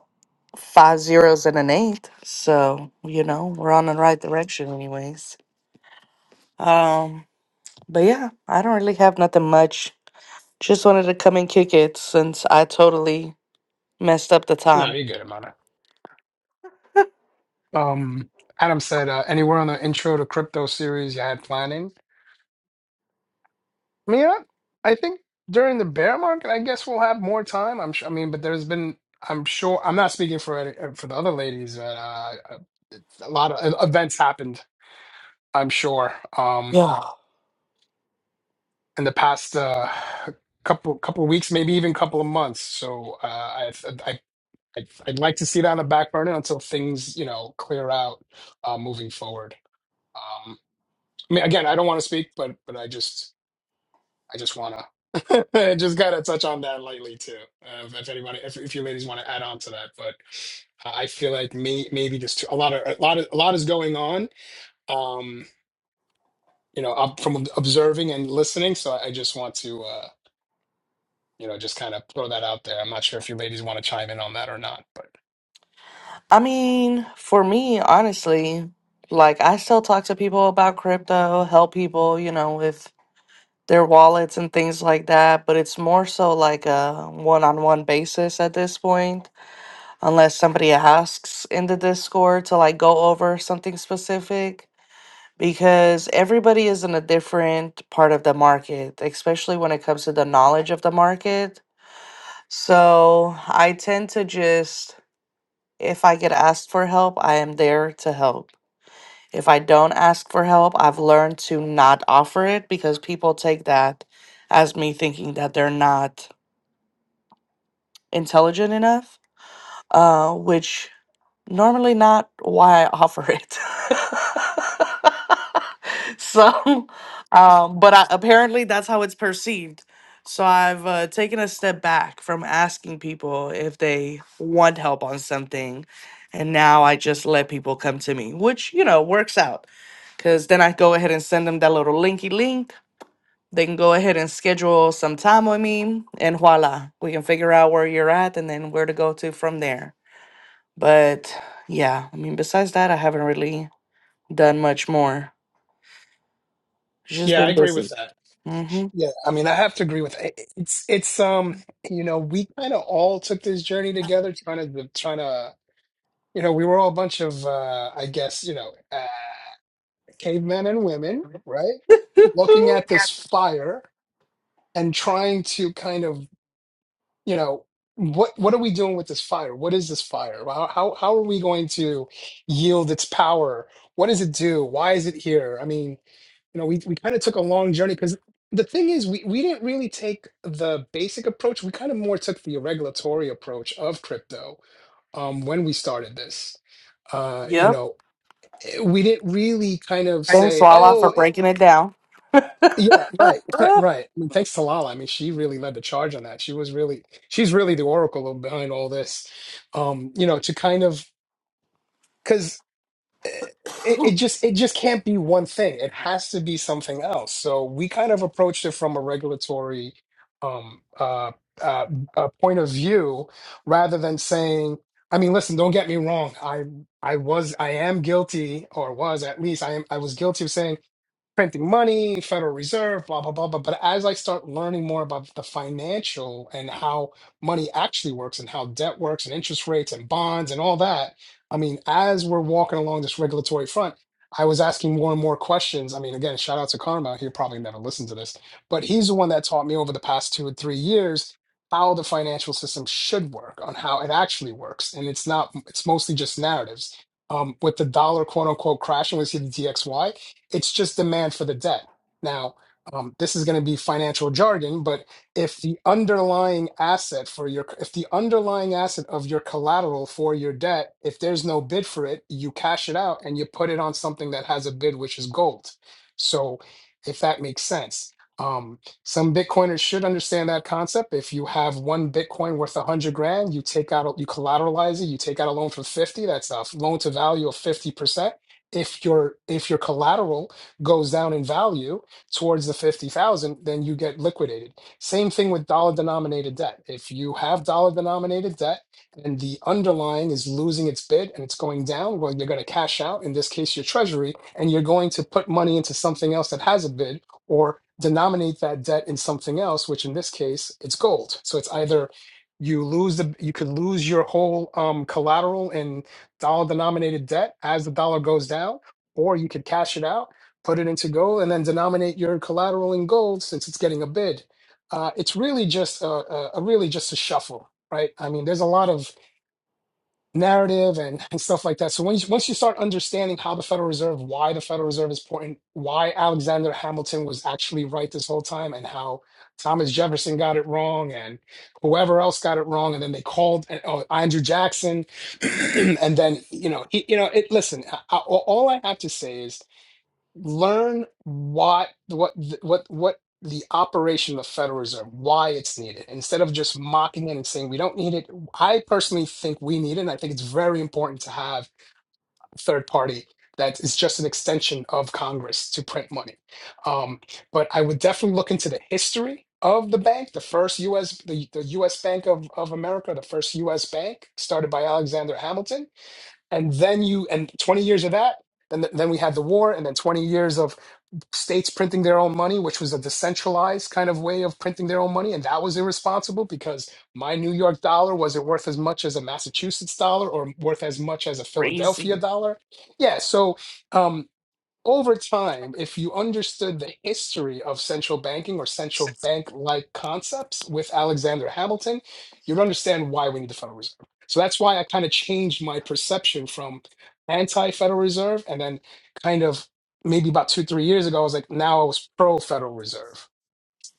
D: five zeros and an eight so you know we're on the right direction anyways um but yeah i don't really have nothing much just wanted to come and kick it since i totally messed up the
A: No,
D: time
A: you're good about it. Um, Adam said, uh, anywhere on the intro to crypto series you had planning? I mean, I, I think during the bear market, I guess we'll have more time. I'm sure. I mean, but there's been, I'm sure, I'm not speaking for any- uh, for the other ladies, but uh, a lot of uh, events happened. I'm sure. Um,
D: yeah
A: in the past uh, couple couple weeks, maybe even couple of months. So uh, I I'd, I'd like to see it on the back burner until things, you know, clear out uh, moving forward. Um, I mean, again, I don't want to speak, but but I just I just wanna I just gotta touch on that lightly too. Uh, if, if anybody, if, if you ladies want to add on to that, but I I feel like may, maybe just a lot of a lot of a lot is going on. Um, you know, up from observing and listening. So I just want to uh, you know just kind of throw that out there. I'm not sure if you ladies want to chime in on that or not, but
D: I mean, for me, honestly, like I still talk to people about crypto, help people, you know, with their wallets and things like that, but it's more so like a one-on-one basis at this point, unless somebody asks in the Discord to like go over something specific, because everybody is in a different part of the market, especially when it comes to the knowledge of the market. So I tend to just, if I get asked for help, I am there to help If I don't ask for help, I've learned to not offer it because people take that as me thinking that they're not intelligent enough, uh, which normally not why I offer it. so, um, but I, apparently that's how it's perceived. So I've uh, taken a step back from asking people if they want help on something, and now I just let people come to me, which you know works out, because then I go ahead and send them that little linky link. They can go ahead and schedule some time with me, and voila, we can figure out where you're at and then where to go to from there. But yeah, I mean, besides that, I haven't really done much more. It's just
A: yeah, I
D: been
A: agree with
D: busy.
A: that.
D: Mm-hmm.
A: Yeah, I mean, I have to agree with eh, it's it's um you know we kind of all took this journey together trying to trying to you know we were all a bunch of uh I guess you know uh, cavemen and women right looking at this fire and trying to kind of you know what what are we doing with this fire what is this fire how how how are we going to yield its power what does it do why is it here I mean you know, we, we kind of took a long journey because the thing is, we, we didn't really take the basic approach. We kind of more took the regulatory approach of crypto um, when we started this. Uh, you
D: Yep.
A: know, eh, we didn't really kind of
D: Thanks,
A: say,
D: Lala,
A: oh,
D: for
A: eh,
D: breaking it down.
A: yeah, right, right,
D: Oh,
A: right. I mean, thanks to Lala. I mean, she really led the charge on that. She was really, she's really the oracle behind all this. Um, you know, to kind of, because it, it just it just can't be one thing. It has to be something else. So we kind of approached it from a regulatory um, uh, uh, uh, point of view, rather than saying, I mean, listen, don't get me wrong. I I was I am guilty, or was at least I am I was guilty of saying printing money, Federal Reserve, blah, blah, blah, blah. But as I start learning more about the financial and how money actually works and how debt works and interest rates and bonds and all that, I mean, as we're walking along this regulatory front, I was asking more and more questions. I mean, again, shout out to Karma. He'll probably never listen to this, but he's the one that taught me over the past two or three years how the financial system should work, on how it actually works. And it's not, it's mostly just narratives. Um, with the dollar quote unquote crashing, we see the DXY. It's just demand for the debt. Now, um, this is going to be financial jargon, but if the underlying asset for your if the underlying asset of your collateral for your debt, if there's no bid for it, you cash it out and you put it on something that has a bid, which is gold. So, if that makes sense. Um, some Bitcoiners should understand that concept. If you have one Bitcoin worth a hundred grand, you take out, a- you collateralize it, you take out a loan for 50, that's a loan to value of 50% if your if your collateral goes down in value towards the 50,000 then you get liquidated same thing with dollar denominated debt if you have dollar denominated debt and the underlying is losing its bid and it's going down well you're going to cash out in this case your treasury and you're going to put money into something else that has a bid or denominate that debt in something else which in this case it's gold so it's either you lose the you could lose your whole um collateral and dollar denominated debt as the dollar goes down, or you could cash it out, put it into gold, and then denominate your collateral in gold since it's getting a bid. Uh, it's really just a, a, a really just a shuffle, right? I mean, there's a lot of narrative and, and stuff like that. So once once you start understanding how the Federal Reserve, why the Federal Reserve is important, why Alexander Hamilton was actually right this whole time, and how Thomas Jefferson got it wrong, and whoever else got it wrong, and then they called and, oh, Andrew Jackson, and then you know he, you know it. Listen, I, I, all I have to say is learn what what th- what what the operation of the Federal Reserve, why it's needed, instead of just mocking it and saying we don't need it. I personally think we need it. And I think it's very important to have a third party that is just an extension of Congress to print money. Um, but I would definitely look into the history of the bank, the first U.S. the, the U.S. Bank of, of America, the first U.S. bank started by Alexander Hamilton, and then you and 20 years of that. Then, then we had the war, and then 20 years of states printing their own money, which was a decentralized kind of way of printing their own money. And that was irresponsible because my New York dollar wasn't worth as much as a Massachusetts dollar or worth as much as a Philadelphia
D: crazy.
A: dollar. Yeah. So, um, over time, if you understood the history of central banking or central bank like concepts with Alexander Hamilton, you'd understand why we need the Federal Reserve. So that's why I kind of changed my perception from anti Federal Reserve and then kind of maybe about two, three years ago, I was like, now I was pro Federal Reserve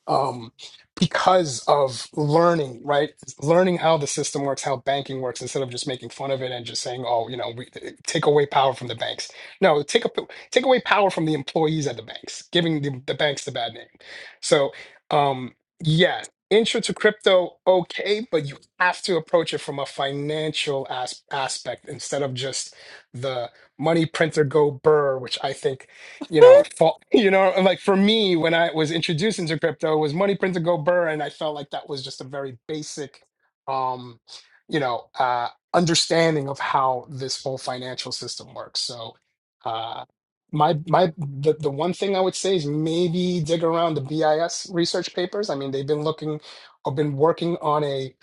A: um, because of learning, right? Learning how the system works, how banking works, instead of just making fun of it and just saying, "Oh, you know, we take away power from the banks." No, take up take away power from the employees at the banks, giving the, the banks the bad name. So, um, yeah, intro to crypto, okay, but you have to approach it from a financial as- aspect instead of just the money printer go burr, which I think you know, fall, you know, like for me, when I was introduced into crypto, it was money print to go burr, and I felt like that was just a very basic, um, you know, uh, understanding of how this whole financial system works. So, uh, my my the, the one thing I would say is maybe dig around the BIS research papers. I mean, they've been looking or been working on a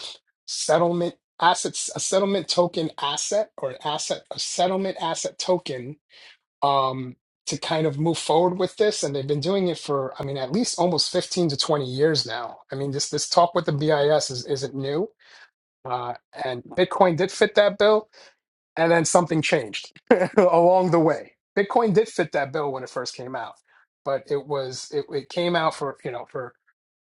A: settlement assets, a settlement token asset or an asset, a settlement asset token um, to kind of move forward with this. And they've been doing it for, I mean, at least almost 15 to 20 years now. I mean, this this talk with the BIS is, isn't new. Uh, and Bitcoin did fit that bill, and then something changed along the way. Bitcoin did fit that bill when it first came out, but it was it, it came out for you know for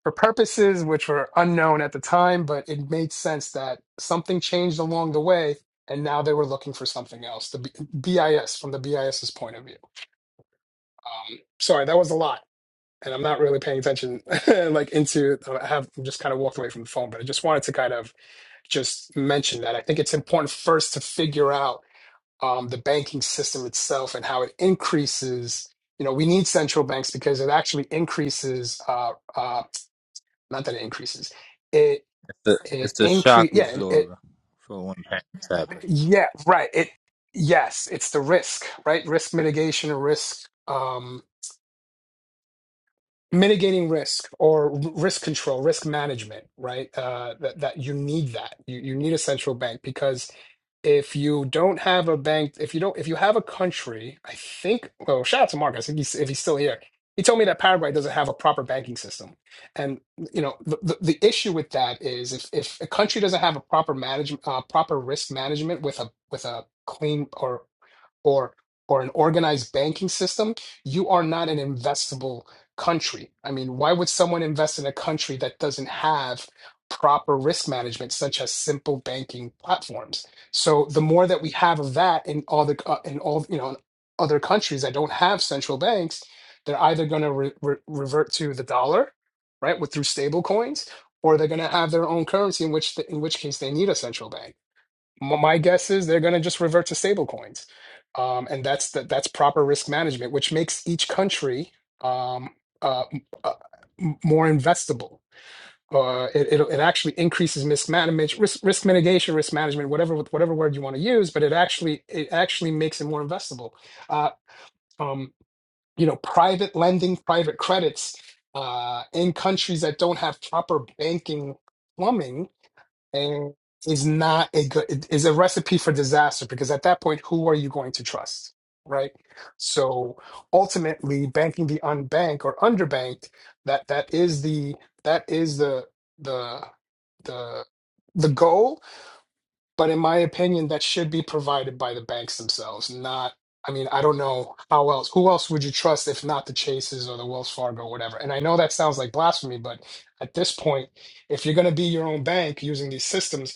A: for purposes which were unknown at the time, but it made sense that something changed along the way, and now they were looking for something else. The B- BIS from the BIS's point of view. Um, sorry, that was a lot, and I'm not really paying attention. like into, uh, I have I'm just kind of walked away from the phone, but I just wanted to kind of just mention that I think it's important first to figure out um, the banking system itself and how it increases. You know, we need central banks because it actually increases. Uh, uh, not that it increases, it
C: it's a,
A: it
C: it's a shock
A: increase. Yeah, it, it
C: absorber for when things happen.
A: yeah right. It yes, it's the risk right, risk mitigation, risk. Um, mitigating risk or r- risk control, risk management, right? Uh, that that you need that you you need a central bank because if you don't have a bank, if you don't, if you have a country, I think. Well, shout out to Mark. I think he's if he's still here. He told me that Paraguay doesn't have a proper banking system, and you know the, the, the issue with that is if, if a country doesn't have a proper management, uh, proper risk management with a with a clean or or or an organized banking system, you are not an investable country. I mean, why would someone invest in a country that doesn't have proper risk management, such as simple banking platforms? So the more that we have of that in all the uh, in all you know in other countries that don't have central banks, they're either going to re- re- revert to the dollar, right, with through stable coins, or they're going to have their own currency, in which the, in which case they need a central bank. M- My guess is they're going to just revert to stable coins. Um, and that's the, that's proper risk management, which makes each country um, uh, m- uh, m- more investable. Uh, it, it, it actually increases risk management, risk, risk mitigation, risk management, whatever whatever word you want to use, but it actually it actually makes it more investable. Uh, um, you know, private lending, private credits uh, in countries that don't have proper banking plumbing and is not a good is a recipe for disaster because at that point who are you going to trust right so ultimately banking the unbanked or underbanked that that is the that is the the the the goal but in my opinion that should be provided by the banks themselves not I mean, I don't know how else. Who else would you trust if not the Chases or the Wells Fargo or whatever? And I know that sounds like blasphemy, but at this point, if you're going to be your own bank using these systems,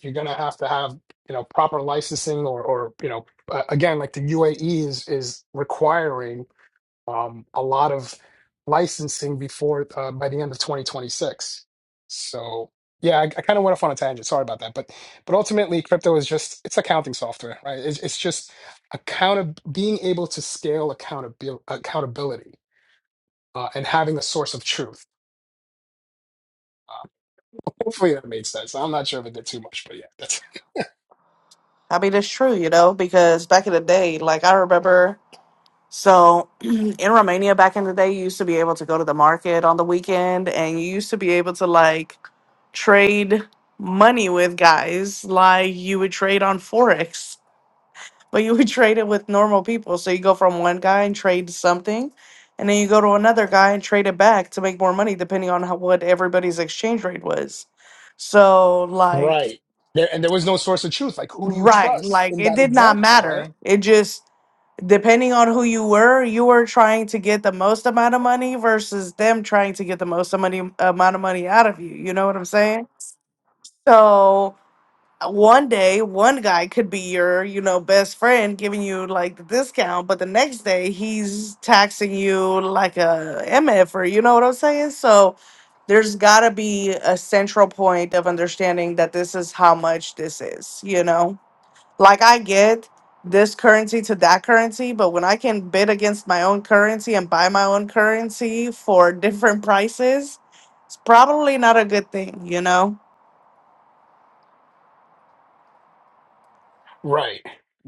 A: you're going to have to have you know proper licensing or or you know uh, again like the UAE is is requiring um, a lot of licensing before uh, by the end of 2026. So yeah, I, I kind of went off on a tangent. Sorry about that, but but ultimately, crypto is just it's accounting software, right? It's, it's just account being able to scale accountabil- accountability uh, and having a source of truth. Uh, hopefully that made sense. I'm not sure if it did too much, but yeah, that's
D: I mean, it's true, you know, because back in the day, like I remember, so in Romania back in the day, you used to be able to go to the market on the weekend and you used to be able to like trade money with guys, like you would trade on Forex. But you would trade it with normal people. So you go from one guy and trade something, and then you go to another guy and trade it back to make more money, depending on how what everybody's exchange rate was. So like
A: Right. There, and there was no source of truth. Like, who do you
D: right,
A: trust
D: like
A: in
D: it
A: that
D: did not
A: example, right?
D: matter. It just depending on who you were, you were trying to get the most amount of money versus them trying to get the most money amount of money out of you. You know what I'm saying? So one day one guy could be your you know best friend giving you like the discount but the next day he's taxing you like a mf or you know what i'm saying so there's gotta be a central point of understanding that this is how much this is you know like i get this currency to that currency but when i can bid against my own currency and buy my own currency for different prices it's probably not a good thing you know
A: Right.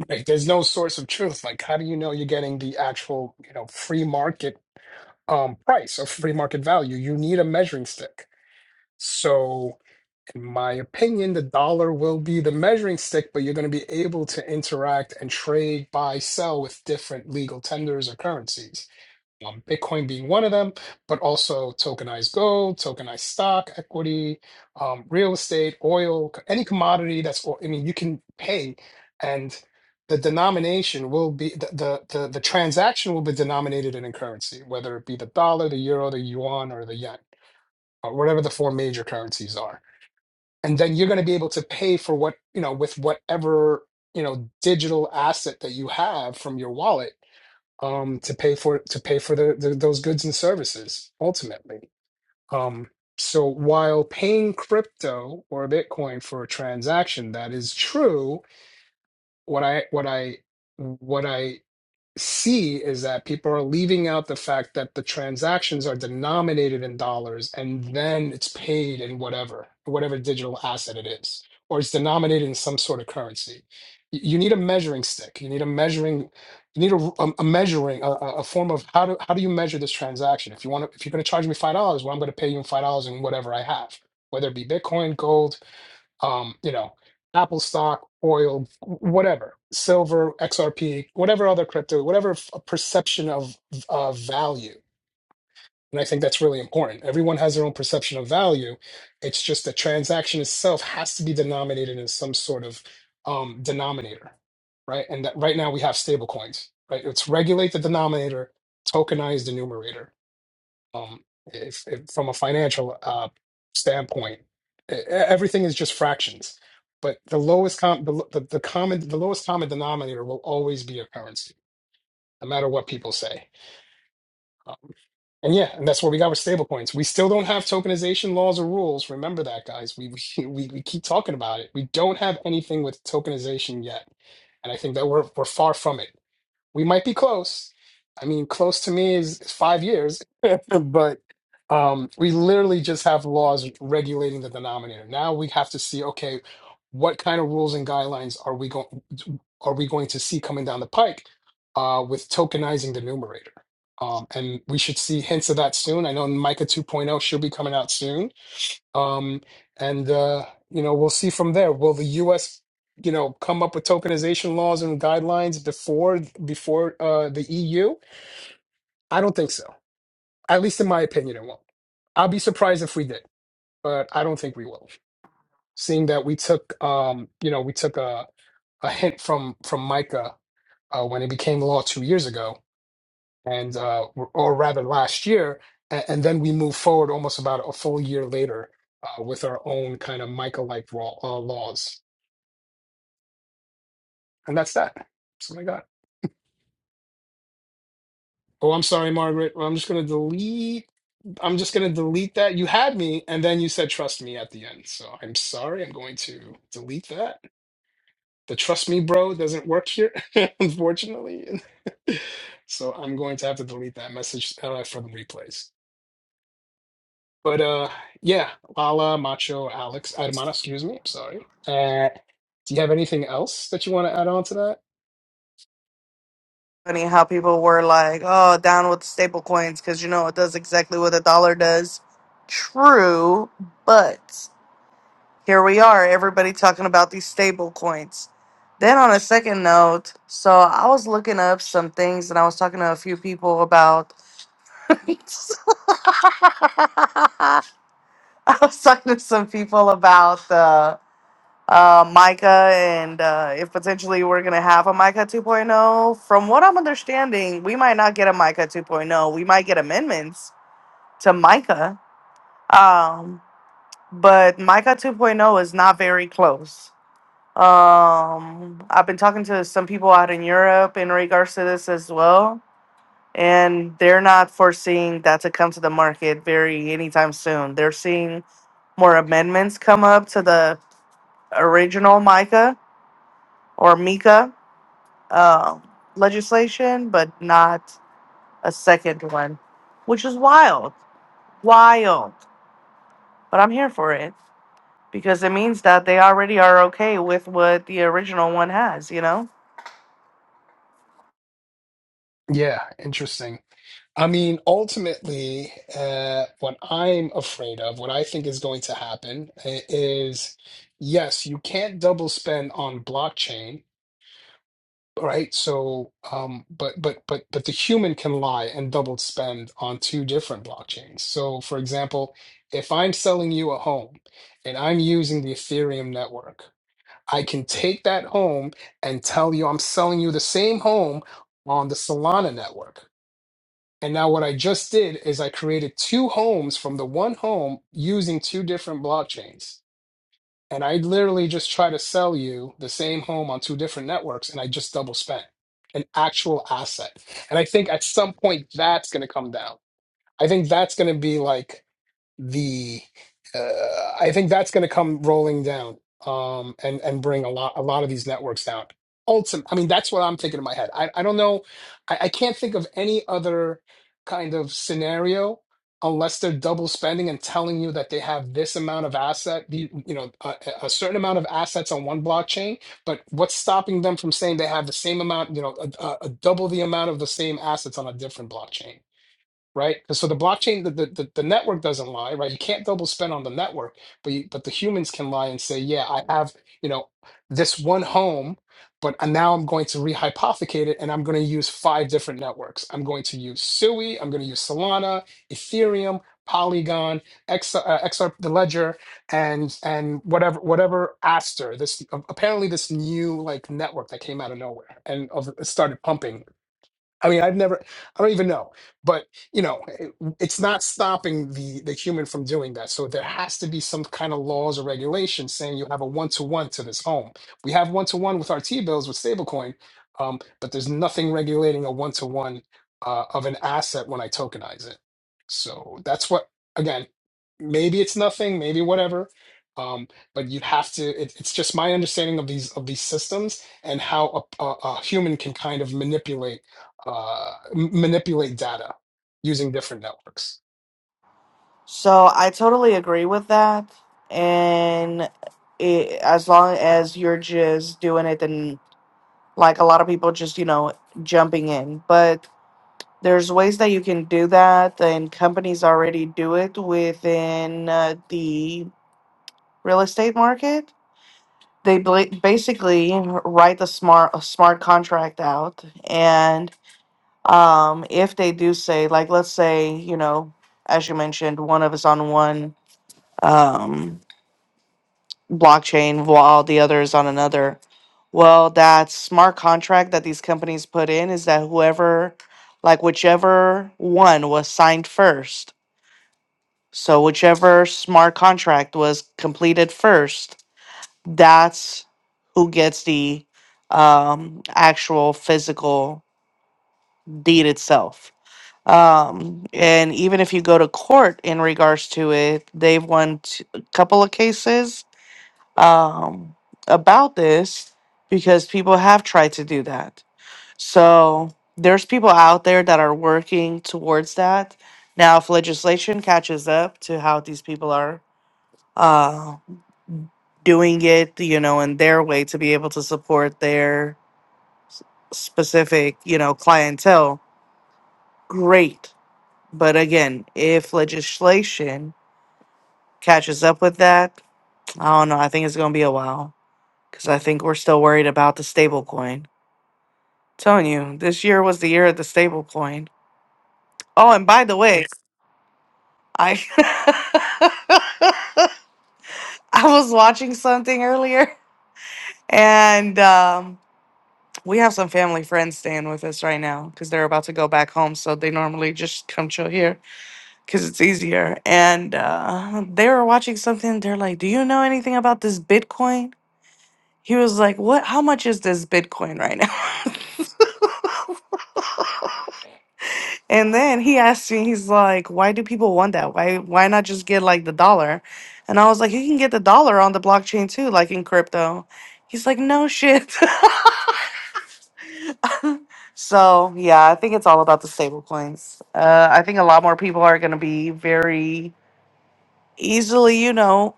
A: Like, there's no source of truth. Like, how do you know you're getting the actual, you know, free market um, price or free market value? You need a measuring stick. So, in my opinion, the dollar will be the measuring stick, but you're going to be able to interact and trade, buy, sell with different legal tenders or currencies. um, Bitcoin being one of them, but also tokenized gold, tokenized stock, equity, um, real estate, oil, any commodity that's, I mean, you can pay and the denomination will be the, the the the transaction will be denominated in a currency, whether it be the dollar, the euro, the yuan, or the yen, or whatever the four major currencies are. And then you're going to be able to pay for what, you know, with whatever, you know, digital asset that you have from your wallet um, to pay for to pay for the, the those goods and services ultimately. Um, so while paying crypto or Bitcoin for a transaction, that is true. What I what I what I see is that people are leaving out the fact that the transactions are denominated in dollars and then it's paid in whatever whatever digital asset it is or it's denominated in some sort of currency Y- you need a measuring stick you need a measuring you need a, a, a measuring a, a a form of how do how do you measure this transaction if you want to if you're going to charge me five dollars well i'm going to pay you in five dollars in whatever i have whether it be bitcoin gold um, you know, Apple stock, oil, whatever, silver, XRP, whatever other crypto, whatever f- perception of of value. And I think that's really important. Everyone has their own perception of value. It's just the transaction itself has to be denominated in some sort of um, denominator, right? And that right now we have stable coins, right? It's regulate the denominator, tokenize the numerator um, if, if from a financial uh, standpoint, e- e, everything is just fractions. But the lowest com the, the, the common the lowest common denominator will always be a currency, no matter what people say. Um, and yeah, and that's what we got with stablecoins. We still don't have tokenization laws or rules. Remember that, guys. We, we we we keep talking about it. We don't have anything with tokenization yet, and I think that we're we're far from it we might be close. I mean, close to me is, is five years, but um, we literally just have laws regulating the denominator. Now we have to see, okay, what kind of rules and guidelines are we going are we going to see coming down the pike uh, with tokenizing the numerator? Um, and we should see hints of that soon. I know in Micah 2.0 should be coming out soon um, and uh, you know, we'll see from there. Will the U.S. you know come up with tokenization laws and guidelines before before uh, the EU? I don't think so. At least in my opinion, it won't. I'll be surprised if we did, but I don't think we will. Seeing that we took um, you know we took a, a hint from from Micah uh, when it became law two years ago, and uh, or rather last year, and, and then we moved forward almost about a full year later uh, with our own kind of Micah like uh, laws. And that's that. That's what I got. Oh, I'm sorry, Margaret. Well, I'm just gonna delete. I'm just gonna delete that. You had me, and then you said trust me at the end. So I'm sorry. I'm going to delete that. The trust me, bro, doesn't work here, unfortunately. so I'm going to have to delete that message uh, for the replays. But uh, yeah, Lala, Macho, Alex, Hermana, excuse me. I'm sorry. Uh, do you have anything else that you want to add on to that?
D: funny how people were like, "Oh, down with staple coins," because you know it does exactly what a dollar does. True, but here we are, everybody talking about these stable coins. Then on a second note, so I was looking up some things and I was talking to a few people about. I was talking to some people about. uh, uh, Micah, and uh, if potentially we're going to have a Micah 2.0. From what I'm understanding, we might not get a Micah 2.0. We might get amendments to Micah, um, but Micah 2.0 is not very close. Um, I've been talking to some people out in Europe in regards to this as well. And they're not foreseeing that to come to the market very anytime soon. They're seeing more amendments come up to the original Micah or Mika um, legislation, but not a second one, which is wild, wild. But I'm here for it because it means that they already are okay with what the original one has, you know?
A: Yeah, interesting. I mean, ultimately, uh, what I'm afraid of, what I think is going to happen i- is yes, you can't double spend on blockchain, right? So, um, but but but but the human can lie and double spend on two different blockchains. So, for example, if I'm selling you a home and I'm using the Ethereum network, I can take that home and tell you I'm selling you the same home on the Solana network. And now what I just did is I created two homes from the one home using two different blockchains. And I literally just try to sell you the same home on two different networks and I just double spent an actual asset. And I think at some point that's going to come down. I think that's going to be like the uh, I think that's going to come rolling down um, and and bring a lot a lot of these networks down. Ultimate, I mean, that's what I'm thinking in my head. I, I don't know, I, I can't think of any other kind of scenario unless they're double spending and telling you that they have this amount of asset, the- you know, a, a certain amount of assets on one blockchain. But what's stopping them from saying they have the same amount, you know, a, a, a double the amount of the same assets on a different blockchain? right? So the blockchain, the, the the the network doesn't lie, right? You can't double spend on the network, but you, but the humans can lie and say, yeah, I have you know this one home, but I- now I'm going to rehypothecate it, and I'm going to use five different networks. I'm going to use Sui, I'm going to use Solana, Ethereum, Polygon, X, uh, XR, the Ledger, and and whatever whatever Aster. This apparently this new like network that came out of nowhere and of, started pumping I mean, I've never, I don't even know, but you know, it- it's not stopping the the human from doing that. So there has to be some kind of laws or regulations saying you have a one to one to this home. We have one to one with our T bills with stablecoin, um, but there's nothing regulating a one to one of an asset when I tokenize it. So that's what again, maybe it's nothing, maybe whatever. Um, but you have to. It, it's just my understanding of these of these systems and how a, a, a human can kind of manipulate uh, m- manipulate data using different networks.
D: So I totally agree with that. And it, as long as you're just doing it, then like a lot of people just, you know, jumping in. But there's ways that you can do that, and companies already do it within uh, the real estate market. They bla- basically write a smart a smart contract out, and um, if they do say, like, let's say, you know, as you mentioned, one of us on one um, blockchain while the other is on another. Well, that smart contract that these companies put in is that whoever, like, whichever one was signed first. So, whichever smart contract was completed first that's who gets the um, actual physical deed itself. Um, and even if you go to court in regards to it, they've won t- a couple of cases um, about this because people have tried to do that. So there's people out there that are working towards that. Now, if legislation catches up to how these people are uh, doing it, you know, in their way to be able to support their s- specific, you know, clientele, great. But again, if legislation catches up with that, I don't know. I think it's going to be a while because I think we're still worried about the stablecoin. Telling you, this year was the year of the stablecoin. Oh, and by the way, I I was watching something earlier, and um, we have some family friends staying with us right now because they're about to go back home, so they normally just come chill here because it's easier. And uh, they were watching something. They're like, "Do you know anything about this Bitcoin?" He was like, "What? How much is this Bitcoin right now?" and then he asked me, he's like, "Why do people want that? Why why not just get like the dollar?" And I was like, "You can get the dollar on the blockchain too, like in crypto." He's like, "No shit." So yeah, I think it's all about the stable coins. Uh, I think a lot more people are going to be very easily, you know.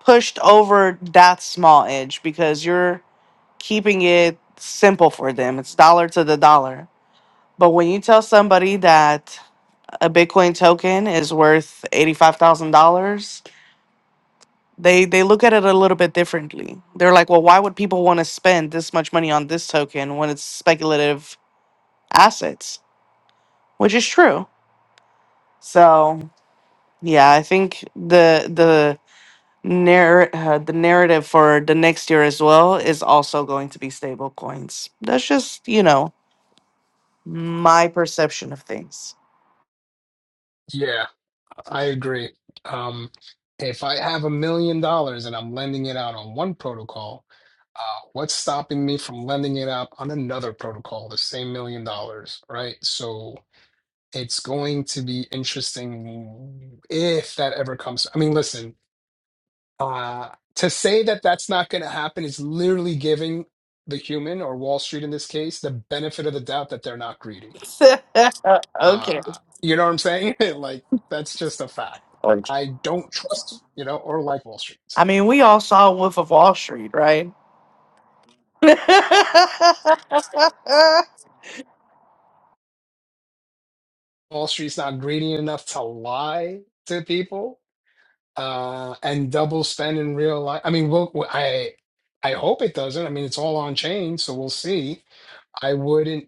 D: pushed over that small edge because you're keeping it simple for them. It's dollar to the dollar. But when you tell somebody that a Bitcoin token is worth $85,000, they they look at it a little bit differently. They're like, "Well, why would people want to spend this much money on this token when it's speculative assets?" Which is true. So, yeah, I think the the narr- uh, the narrative for the next year as well is also going to be stable coins. That's just, you know, my perception of things.
A: Yeah, I agree. Um, if I have a million dollars and I'm lending it out on one protocol, uh, what's stopping me from lending it out on another protocol, the same million dollars, right? So it's going to be interesting if that ever comes. I mean, listen, uh, to say that that's not going to happen is literally giving the human or Wall Street in this case the benefit of the doubt that they're not greedy Uh,
D: okay.
A: you know what I'm saying? Like, that's just a fact. I don't trust, you know, or like Wall Street. So
D: I mean, we all saw Wolf of Wall Street, right?
A: Wall Street's not greedy enough to lie to people uh, and double spend in real life. I mean, we'll, I I hope it doesn't. I mean, it's all on chain, so we'll see. I wouldn't.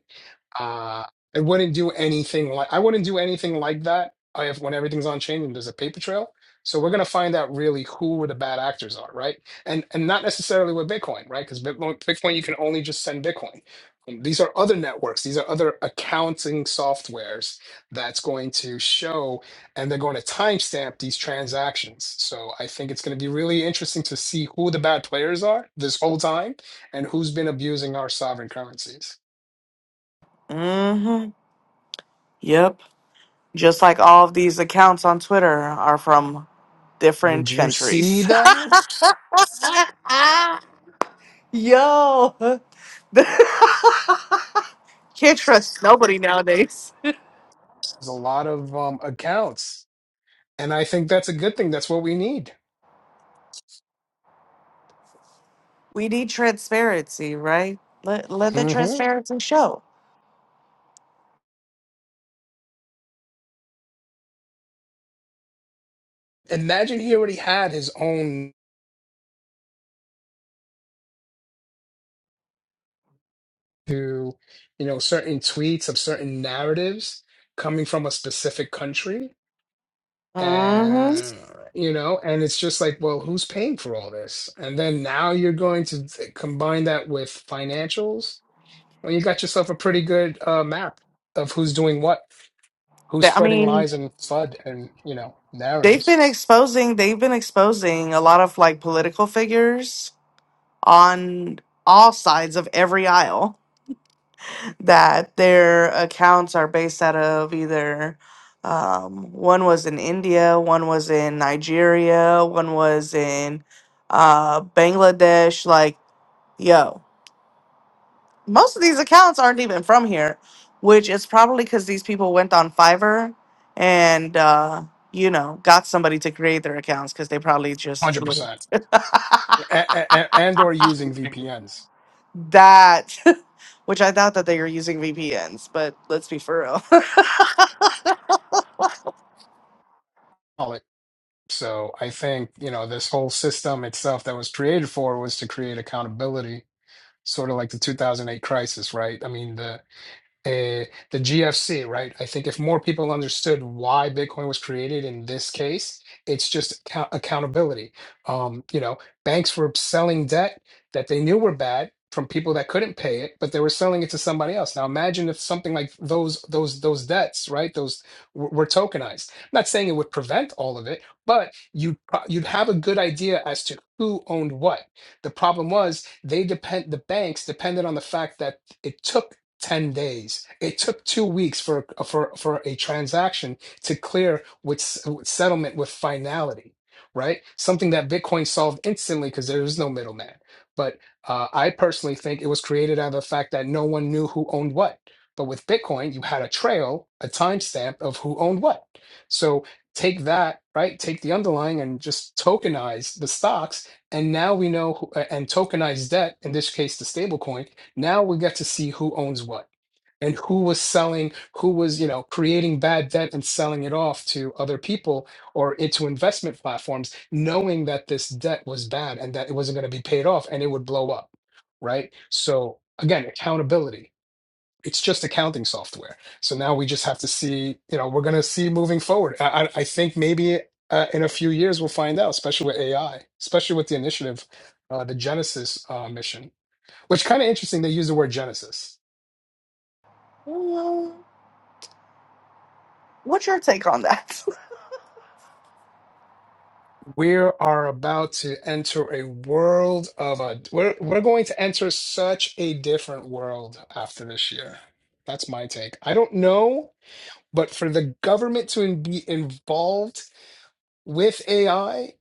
A: Uh, I wouldn't do anything like I wouldn't do anything like that uh, if when everything's on chain and there's a paper trail. So we're gonna find out really who the bad actors are, right? And and not necessarily with Bitcoin, right? Because Bitcoin, Bitcoin, you can only just send Bitcoin. Um, These are other networks. These are other accounting softwares that's going to show, and they're going to timestamp these transactions. So I think it's going to be really interesting to see who the bad players are this whole time, and who's been abusing our sovereign currencies.
D: hmm Yep. Just like all of these accounts on Twitter are from
A: Did
D: different
A: you see
D: countries.
A: that?
D: ah, Yo. Can't trust nobody nowadays.
A: There's a lot of um, accounts. And I think that's a good thing. That's what we need.
D: We need transparency, right? Let let the
A: hmm
D: transparency show.
A: Imagine he already had his own to, you know, certain tweets of certain narratives coming from a specific country.
D: Mm-hmm.
A: And, you know, and it's just like, well, who's paying for all this? And then now you're going to t- combine that with financials. Well, you got yourself a pretty good uh, map of who's doing what, who's
D: I
A: spreading
D: mean,
A: lies and FUD and, you know,
D: they've
A: narratives.
D: been exposing they've been exposing a lot of like political figures on all sides of every aisle that their accounts are based out of either um, one was in India, one was in Nigeria, one was in uh, Bangladesh. Like, yo. most of these accounts aren't even from here, which is probably because these people went on Fiverr and uh, you know got somebody to create their accounts because they probably just a
A: hundred
D: little
A: percent, and or using VPNs.
D: that, which I doubt that they are using VPNs. But let's be for real.
A: Call it. So I think you know this whole system itself that was created for was to create accountability, sort of like the 2008 crisis, right? I mean the uh, the GFC, right? I think if more people understood why Bitcoin was created in this case, it's just account- accountability. Um, you know, banks were selling debt that they knew were bad from people that couldn't pay it, but they were selling it to somebody else. Now imagine if something like those those those debts, right? Those w- were tokenized. I'm not saying it would prevent all of it, but you would pro- you'd have a good idea as to who owned what. The problem was they depend the banks depended on the fact that it took 10 days. It took two weeks for for for a transaction to clear with, s- with settlement with finality, right? Something that Bitcoin solved instantly because there was no middleman. But uh, I personally think it was created out of the fact that no one knew who owned what. But with Bitcoin, you had a trail, a timestamp of who owned what. So take that, right? Take the underlying and just tokenize the stocks. And now we know, who, and tokenize debt, in this case, the stablecoin now we get to see who owns what and who was selling, who was, you know, creating bad debt and selling it off to other people or into investment platforms, knowing that this debt was bad and that it wasn't going to be paid off and it would blow up. Right. So again, accountability. It's just accounting software. So now we just have to see, you know, we're going to see moving forward. I, I I think maybe uh, in a few years we'll find out, especially with AI, especially with the initiative, uh, the Genesis uh, mission. Which kind of interesting they use the word Genesis.
D: Mm, What's your take on that?
A: We are about to enter a world of a we're we're going to enter such a different world after this year. That's my take. I don't know, but for the government to in, be involved with AI,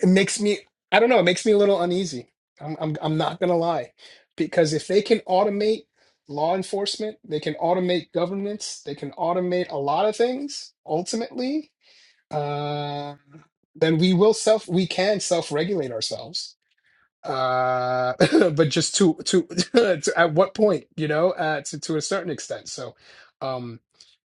A: it makes me I don't know, it makes me a little uneasy. I'm I'm I'm not gonna lie. Because if they can automate law enforcement, they can automate governments, they can automate a lot of things ultimately uh, then we will self we can self regulate ourselves uh but just to to, to at what point you know uh to, to a certain extent so um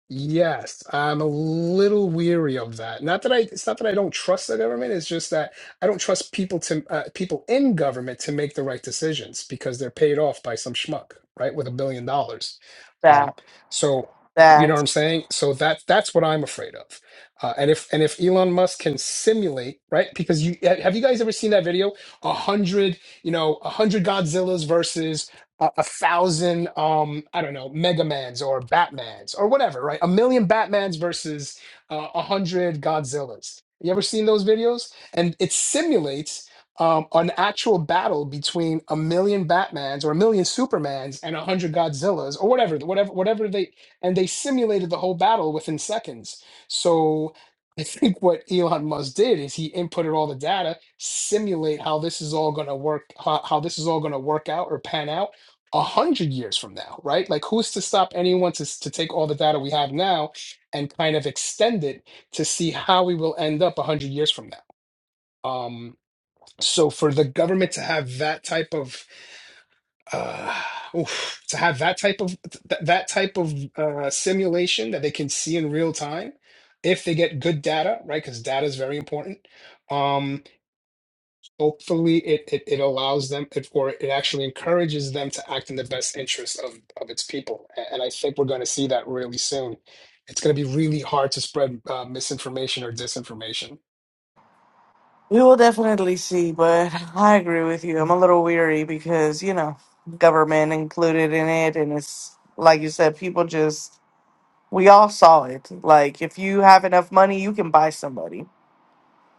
A: Yes, I'm a little weary of that. Not that I, it's not that I don't trust the government. It's just that I don't trust people to uh, people in government to make the right decisions because they're paid off by some schmuck, right, with a billion dollars. Um,
D: that
A: so you know what
D: that
A: I'm saying? So that that's what I'm afraid of. Uh, and if and if Elon Musk can simulate, right? Because you ha- have you guys ever seen that video? A hundred, you know, a hundred Godzillas versus a, a thousand um i don't know mega mans or batmans or whatever right a million batmans versus uh, a hundred godzillas you ever seen those videos and it simulates um, an actual battle between a million batmans or a million supermans and a hundred godzillas or whatever whatever whatever they and they simulated the whole battle within seconds so i think what elon musk did is he inputted all the data simulate how this is all going to work how, how this is all going to work out or pan out a hundred years from now, right? Like, who's to stop anyone to, s- to take all the data we have now and kind of extend it to see how we will end up a hundred years from now? Um, so for the government to have that type of uh, oof, to have that type of th- that type of uh, simulation that they can see in real time, if they get good data, right? Because data is very important. Um, hopefully it, it, it allows them it, or it actually encourages them to act in the best interest of, of its people A- and i think we're going to see that really soon it's going to be really hard to spread uh, misinformation or disinformation
D: we will definitely see, but I agree with you. I'm a little weary because you know government included in it, and it's like you said, people just We all saw it. Like, if you have enough money, you can buy somebody.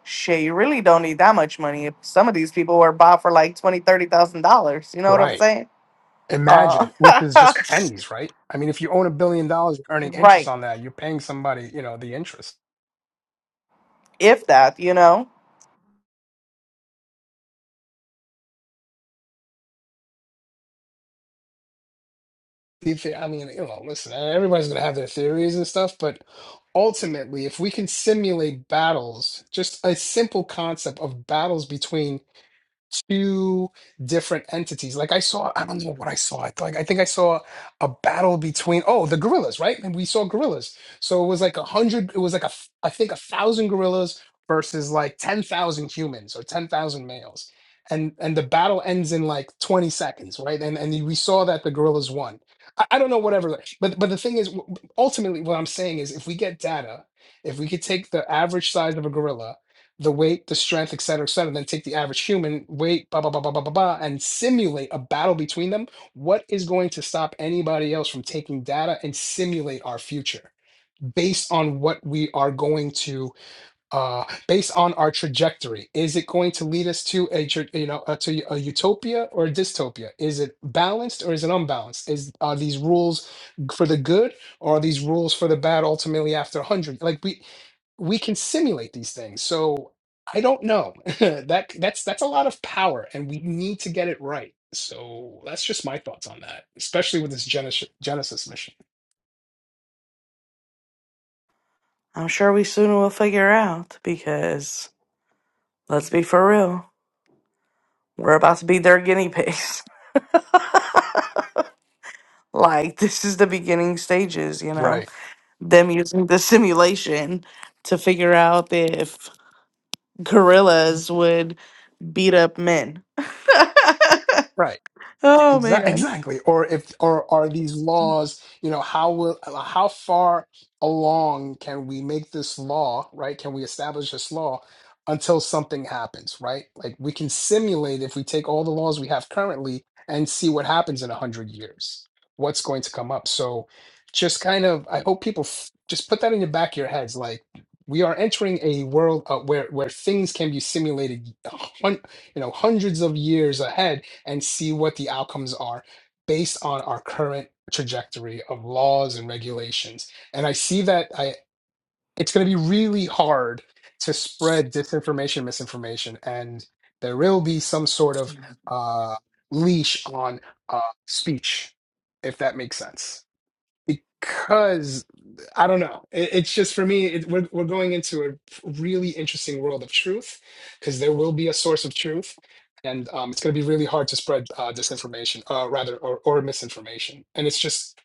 D: Shit, you really don't need that much money. If some of these people were bought for like twenty, thirty thousand dollars, you know what I'm
A: right
D: saying? Uh,
A: imagine which is just pennies right i mean if you own a billion dollars you're earning interest
D: right.
A: on that you're paying somebody you know the interest
D: If that, you know.
A: Do thi- i mean you know listen everybody's going to have their theories and stuff but ultimately if we can simulate battles just a simple concept of battles between two different entities. Like I saw, I don't know what I saw. I like I think I saw a battle between oh the gorillas, right? And we saw gorillas. So it was like a hundred. It was like a f- I think a thousand gorillas versus like ten thousand humans or ten thousand males. And and the battle ends in like twenty seconds, right? And and we saw that the gorillas won. I, I don't know whatever, like, but but the thing is, w- ultimately, what I'm saying is, if we get data, if we could take the average size of a gorilla the weight, the strength, et cetera, et cetera, then take the average human weight, blah, blah, blah, blah, blah, blah, blah, and simulate a battle between them, what is going to stop anybody else from taking data and simulate our future based on what we are going to uh, based on our trajectory. Is it going to lead us to a tr- you know uh, to a utopia or a dystopia? Is it balanced or is it unbalanced? Is are these rules g- for the good or are these rules for the bad? Ultimately, after a hundred, like we we can simulate these things. So I don't know. that that's that's a lot of power, and we need to get it right. So that's just my thoughts on that, especially with this Genesis Genesis mission.
D: I'm sure we soon will figure out because let's be for real. We're about to be their guinea pigs. like this is the beginning stages, you know.
A: Right.
D: Them using the simulation to figure out if gorillas would beat up men.
A: Right.
D: oh
A: Exa-
D: man.
A: Exactly. Or if or are these laws, you know, how will how far along can we make this law, right? Can we establish this law until something happens, right? Like we can simulate if we take all the laws we have currently and see what happens in 100 years. What's going to come up? So just kind of I hope people f- just put that in the back of your heads like we are entering a world uh, where where things can be simulated, uh, hun- you know, hundreds of years ahead and see what the outcomes are based on our current trajectory of laws and regulations. And I see that I it's going to be really hard to spread disinformation, misinformation, and there will be some sort of uh, leash on uh, speech, if that makes sense because I don't know. It, it's just for me, it, we're we're going into a really interesting world of truth because there will be a source of truth, and um, it's going to be really hard to spread uh, disinformation, uh, rather, or, or misinformation. And it's just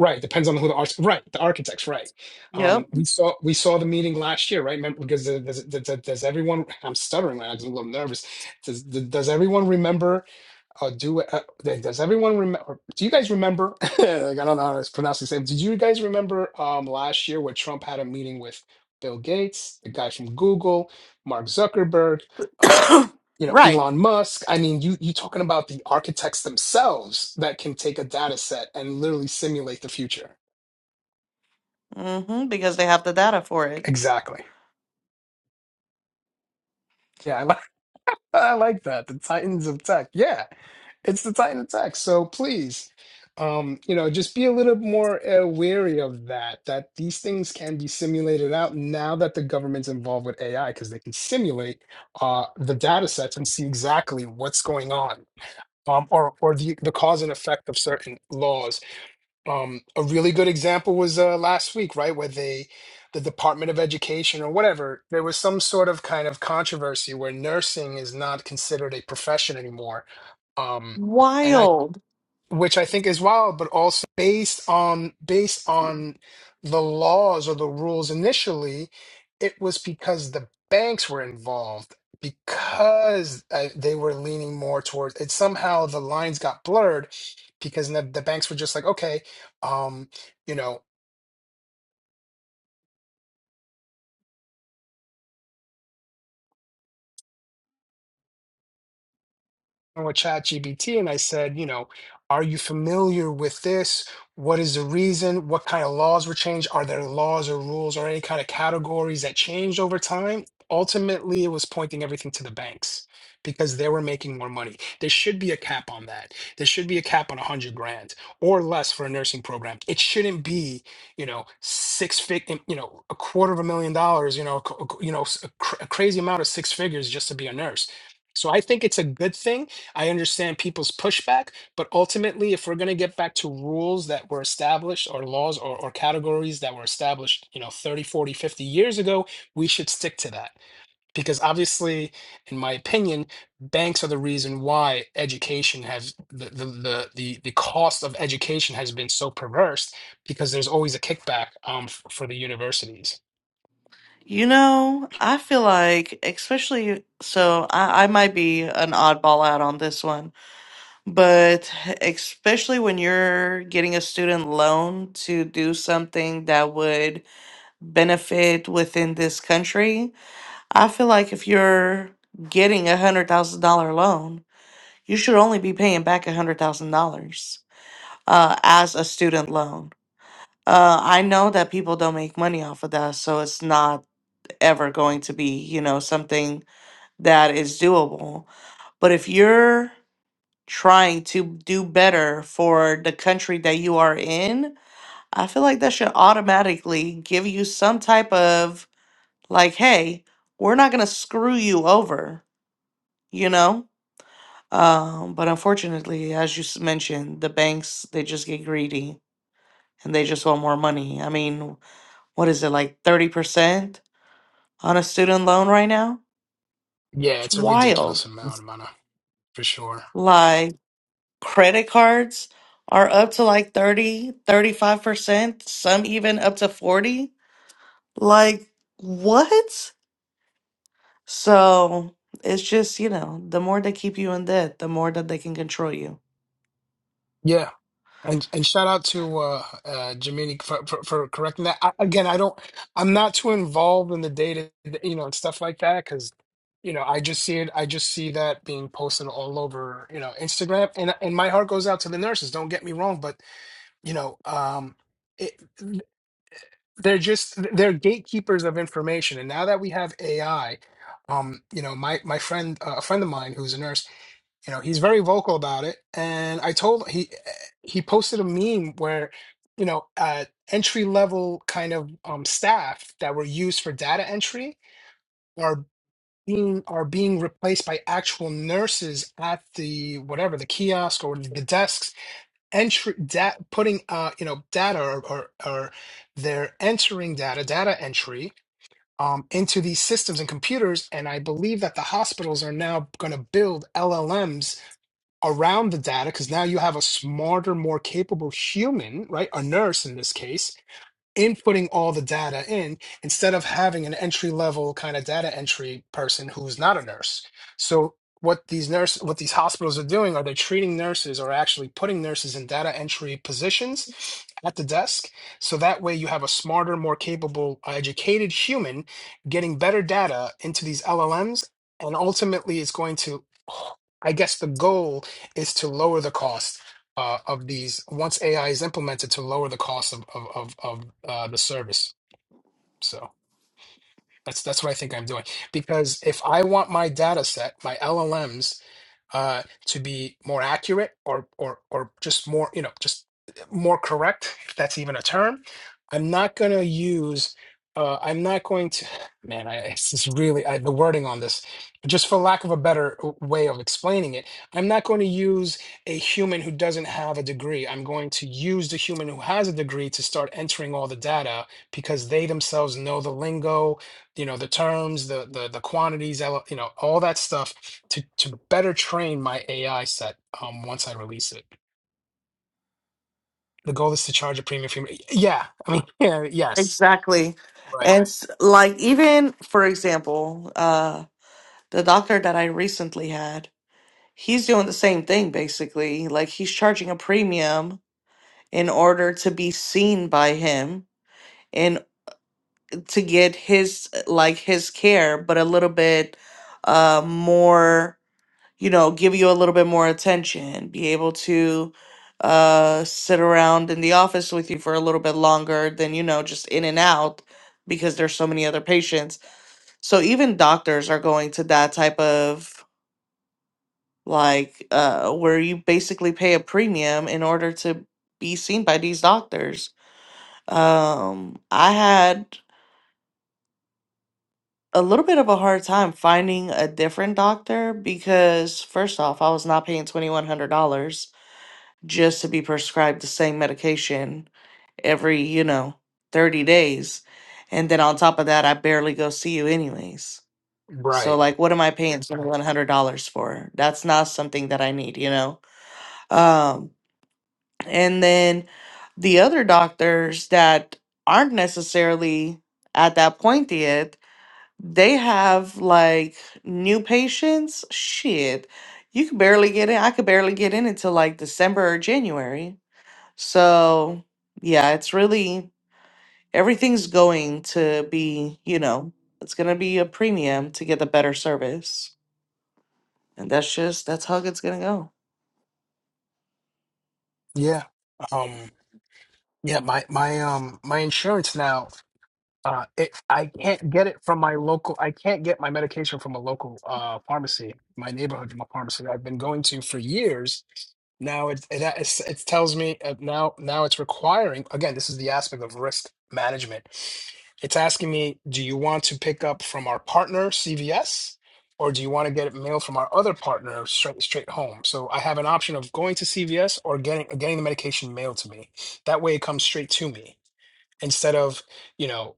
A: right depends on who the arch right the architects right. Um,
D: Yep.
A: we saw we saw the meeting last year, right? Remember, because does, does, does does everyone? I'm stuttering right now. 'cause I'm a little nervous. Does, does everyone remember? Uh, do uh, like, does everyone remember? Do you guys remember? like, I don't know how to pronounce this name. Did you guys remember um, last year where Trump had a meeting with Bill Gates, the guy from Google, Mark Zuckerberg, uh, you know
D: right.
A: Elon Musk? I mean, you you talking about the architects themselves that can take a data set and literally simulate the future?
D: hmm because they have the data for it.
A: Exactly. Yeah, I I like that. The Titans of Tech. Yeah, it's the Titan of Tech. So please, um, you know, just be a little more uh, wary of that, that these things can be simulated out now that the government's involved with AI because they can simulate uh, the data sets and see exactly what's going on um, or, or the, the cause and effect of certain laws um, a really good example was uh, last week, right, where they, the Department of Education or whatever, there was some sort of kind of controversy where nursing is not considered a profession anymore. Um, and I
D: Wild.
A: which I think is wild, but also based on based on the laws or the rules initially, it was because the banks were involved because uh, they were leaning more towards it. Somehow the lines got blurred because the, the banks were just like, okay, um, you know. with ChatGPT and I said, you know, are you familiar with this? What is the reason? What kind of laws were changed? Are there laws or rules or any kind of categories that changed over time? Ultimately, it was pointing everything to the banks because they were making more money. There should be a cap on that. There should be a cap on 100 grand or less for a nursing program. It shouldn't be, you know, six fig, you know, a quarter of a million dollars, you know, a c- a c- you know, s- a cr- a crazy amount of six figures just to be a nurse. So I think it's a good thing I understand people's pushback, but ultimately, if we're going to get back to rules that were established or laws or, or categories that were established, you know, 30, 40, 50 years ago, we should stick to that because obviously in my opinion banks are the reason why education has the the the, the, the cost of education has been so perverse because there's always a kickback um, f- for the universities
D: You know, I feel like, especially, so I, I might be an oddball out on this one, but especially when you're getting a student loan to do something that would benefit within this country, I feel like if you're getting a $100,000 loan, you should only be paying back a $100,000. uh, as a student loan. Uh, I know that people don't make money off of that, so it's not ever going to be, you know, something that is doable. But if you're trying to do better for the country that you are in, I feel like that should automatically give you some type of like, hey, we're not going to screw you over, you know? Um, but unfortunately, as you s- mentioned, the banks, they just get greedy and they just want more money. I mean, what is it like 30% on a student loan right now?
A: yeah
D: It's
A: it's a ridiculous
D: wild.
A: amount of money for sure
D: Like credit cards are up to like thirty, thirty-five percent some even up to 40. Like what? So it's just, you know, the more they keep you in debt, the more that they can control you.
A: yeah And and shout out to uh, uh, Jamini for, for for correcting that. I, again, I don't, I'm not too involved in the data, you know, and stuff like that because, you know, I just see it. I just see that being posted all over, you know, Instagram. And and my heart goes out to the nurses. Don't get me wrong, but you know, um, it, they're just they're gatekeepers of information. And now that we have AI, um, you know, my my friend, uh, a friend of mine who's a nurse you know he's very vocal about it and i told he he posted a meme where you know uh entry level kind of um staff that were used for data entry are being are being replaced by actual nurses at the whatever the kiosk or the desks entry da- putting uh you know data or, or or they're entering data data entry um, into these systems and computers and i believe that the hospitals are now going to build llms around the data because now you have a smarter, more capable human, right? A nurse in this case, inputting all the data in instead of having an entry level kind of data entry person who's not a nurse. So what these nurse what these hospitals are doing are they treating nurses or actually putting nurses in data entry positions at the desk so that way you have a smarter more capable uh, educated human getting better data into these LLMs and ultimately it's going to I guess the goal is to lower the cost uh, of these once AI is implemented to lower the cost of of of, of uh, the service. So that's that's what I think I'm doing because if I want my data set, my LLMs uh, to be more accurate or or or just more you know just more correct if that's even a term i'm not going to use uh, i'm not going to man i it's just really I, the wording on this just for lack of a better way of explaining it i'm not going to use a human who doesn't have a degree i'm going to use the human who has a degree to start entering all the data because they themselves know the lingo you know the terms the the the quantities ele- you know all that stuff to to better train my ai set um once i release it the goal is to charge a premium fee yeah i mean yeah yes
D: Exactly.
A: right
D: And s- like even for example, uh the doctor that I recently had, he's doing the same thing basically. Like he's charging a premium in order to be seen by him and to get his like his care but a little bit uh more you know give you a little bit more attention be able to uh sit around in the office with you for a little bit longer than you know just in and out because there's so many other patients so even doctors are going to that type of like uh where you basically pay a premium in order to be seen by these doctors Um, I had a little bit of a hard time finding a different doctor because, first off, I was not paying $2,100 just to be prescribed the same medication every, you know, 30 days. And then on top of that, I barely go see you anyways. So,
A: right
D: like, what am I paying $2,100 for? That's not something that I need, you know? Um, and then the other doctors that aren't necessarily at that point yet. They have like new patients. Shit, you could barely get in. I could barely get in until like December or January. So yeah, it's really everything's going to be, you know, it's gonna be a premium to get the better service. And that's just that's how it's gonna go.
A: yeah um yeah my my um my insurance now Uh, it, I can't get it from my local. I can't get my medication from a local uh, pharmacy, my neighborhood pharmacy that I've been going to for years. Now it it, it's- it tells me uh, now now it's requiring again. This is the aspect of risk management. It's asking me, do you want to pick up from our partner CVS, or do you want to get it mailed from our other partner straight straight home? So I have an option of going to CVS or getting getting the medication mailed to me. That way, it comes straight to me instead of you know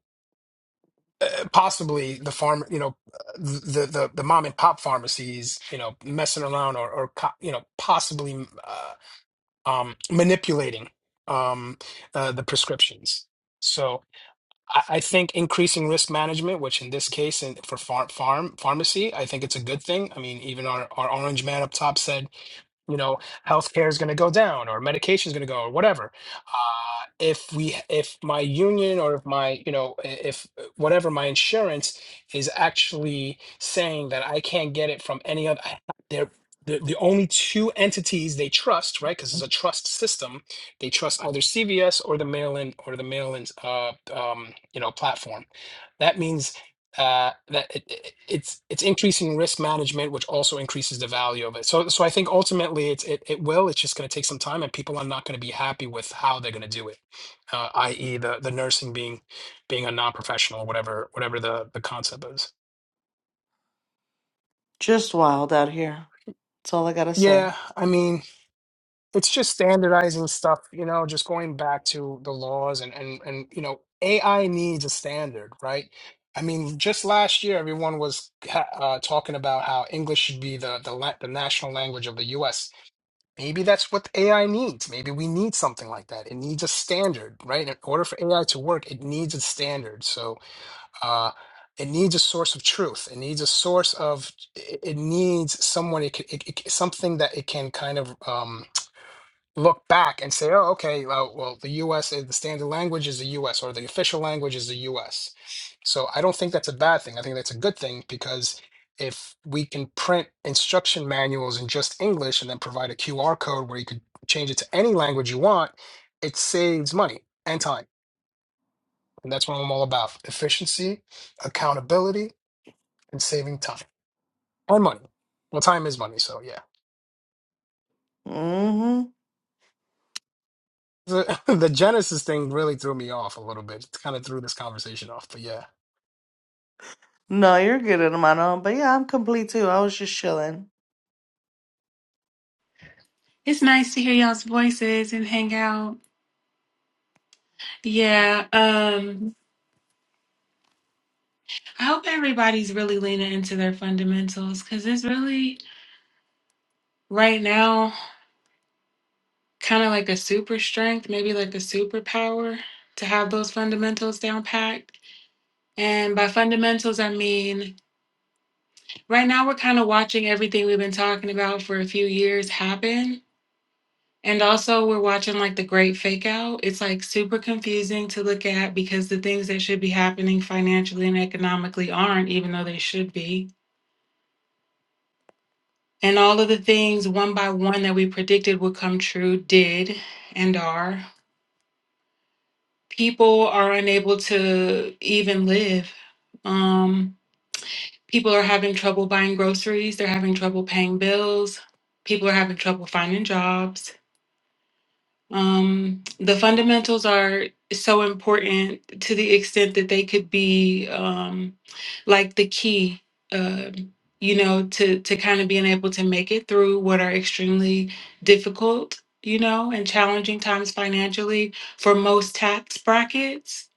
A: uh, possibly the farm, you know, the the the mom and pop pharmacies, you know, messing around or or co- you know, possibly uh, um, manipulating um, uh, the prescriptions. So I, I think increasing risk management, which in this case and for farm farm pharmacy, I think it's a good thing. I mean, even our our orange man up top said you know healthcare is going to go down or medication is going to go or whatever uh, if we if my union or if my you know i- if uh, whatever my insurance is actually saying that i can't get it from any other I- they're the, the only two entities they trust right because it's a trust system they trust either cvs or the mail-in or the mail-in uh, um, you know platform that means uh, that it, it- it's it's increasing risk management, which also increases the value of it. So so I think ultimately it's it, it will. It's just going to take some time, and people are not going to be happy with how they're going to do it, uh, i.e. the the nursing being being a non professional, whatever whatever the the concept is.
D: Just wild out here. That's all I gotta say.
A: Yeah, I mean. it's just standardizing stuff, you know, just going back to the laws and and and you know, AI needs a standard, right? I mean, just last year, everyone was ha- uh, talking about how English should be the the, la- the national language of the U.S. Maybe that's what AI needs. Maybe we need something like that. It needs a standard, right? In order for AI to work, it needs a standard. So, uh, it needs a source of truth. It needs a source of. It it needs someone. It, c- it, it something that it can kind of. um look back and say, oh, okay, well, well, the US, is- the standard language is the US or the official language is the US. So I don't think that's a bad thing. I think that's a good thing because if we can print instruction manuals in just English and then provide a QR code where you could change it to any language you want, it saves money and time. And that's what I'm all about efficiency, accountability, and saving time or money. Well, time is money. So, yeah.
D: Mm-hmm.
A: The, the Genesis thing really threw me off a little bit. It kind of threw this conversation off. But yeah.
D: No, you're good, hermano. But yeah, I'm complete too. I was just chilling.
B: It's nice to hear y'all's voices and hang out. Yeah. Um, I hope everybody's really leaning into their fundamentals because it's really right now kind of like a super strength, maybe like a superpower to have those fundamentals down packed. And by fundamentals, I mean Right now, we're kind of watching everything we've been talking about for a few years happen. And also, we're watching like the great fake out. It's like super confusing to look at because the things that should be happening financially and economically aren't, even though they should be. And all of the things one by one that we predicted would come true did and are. People are unable to even live. Um, people are having trouble buying groceries, they're having trouble paying bills, people are having trouble finding jobs Um, the fundamentals are so important to the extent that they could be um, like the key, um, you know, to to kind of being able to make it through what are extremely difficult, you know, and challenging times financially for most tax brackets.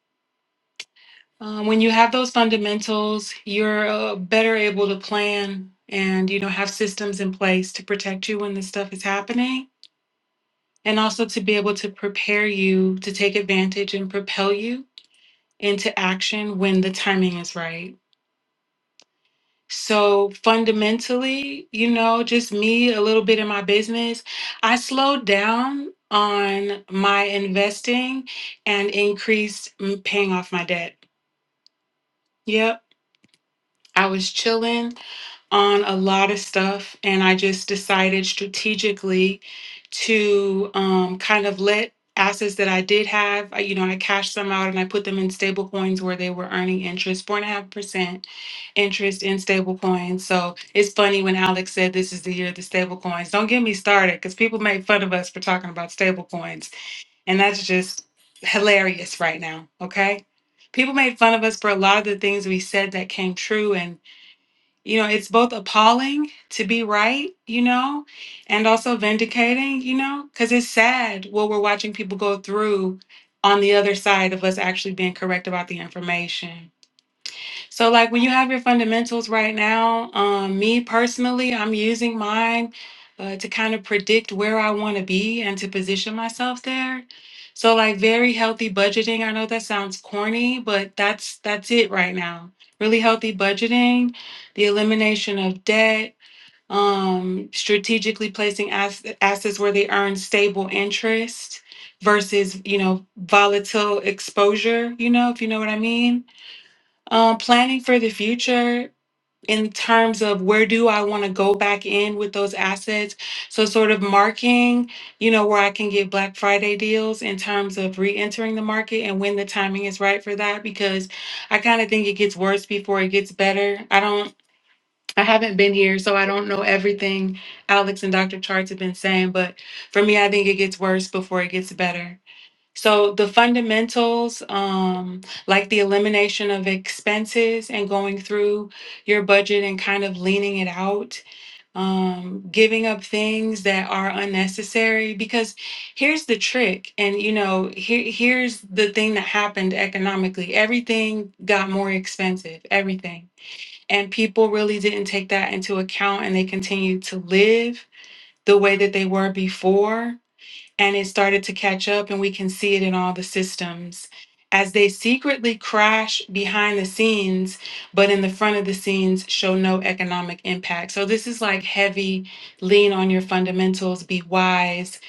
B: Um, when you have those fundamentals, you're uh, better able to plan and you know have systems in place to protect you when this stuff is happening and also to be able to prepare you to take advantage and propel you into action when the timing is right. So fundamentally, you know, just me a little bit in my business, I slowed down on my investing and increased mm, paying off my debt. Yep, I was chilling on a lot of stuff, and I just decided strategically to um, kind of let assets that I did have, I- you know, I cashed some out and I put them in stable coins where they were earning interest, four and a half percent interest in stable coins. So it's funny when Alex said this is the year of the stable coins. Don't get me started because people make fun of us for talking about stable coins, and that's just hilarious right now, okay? People made fun of us for a lot of the things we said that came true and. You know, it's both appalling to be right, you know, and also vindicating, you know, because it's sad what we're watching people go through on the other side of us actually being correct about the information. So, like when you have your fundamentals right now, um, me personally, I'm using mine uh, to kind of predict where I want to be and to position myself there. So, like very healthy budgeting. I know that sounds corny, but that's that's it right now. Really healthy budgeting, the elimination of debt, um, strategically placing ass- assets where they earn stable interest versus you know volatile exposure. You know if you know what I mean um, planning for the future in terms of where do I want to go back in with those assets? So sort of marking, you know, where I can get Black Friday deals in terms of re-entering the market and when the timing is right for that because I kind of think it gets worse before it gets better. I don't I haven't been here, so I don't know everything Alex and Dr. Charts have been saying, but for me, I think it gets worse before it gets better. So the fundamentals, um, like the elimination of expenses and going through your budget and kind of leaning it out, um, giving up things that are unnecessary. Because here's the trick, and you know, here here's the thing that happened economically. Everything got more expensive, everything. And people really didn't take that into account and they continued to live the way that they were before and it started to catch up and we can see it in all the systems as they secretly crash behind the scenes but in the front of the scenes show no economic impact so this is like heavy lean on your fundamentals be wise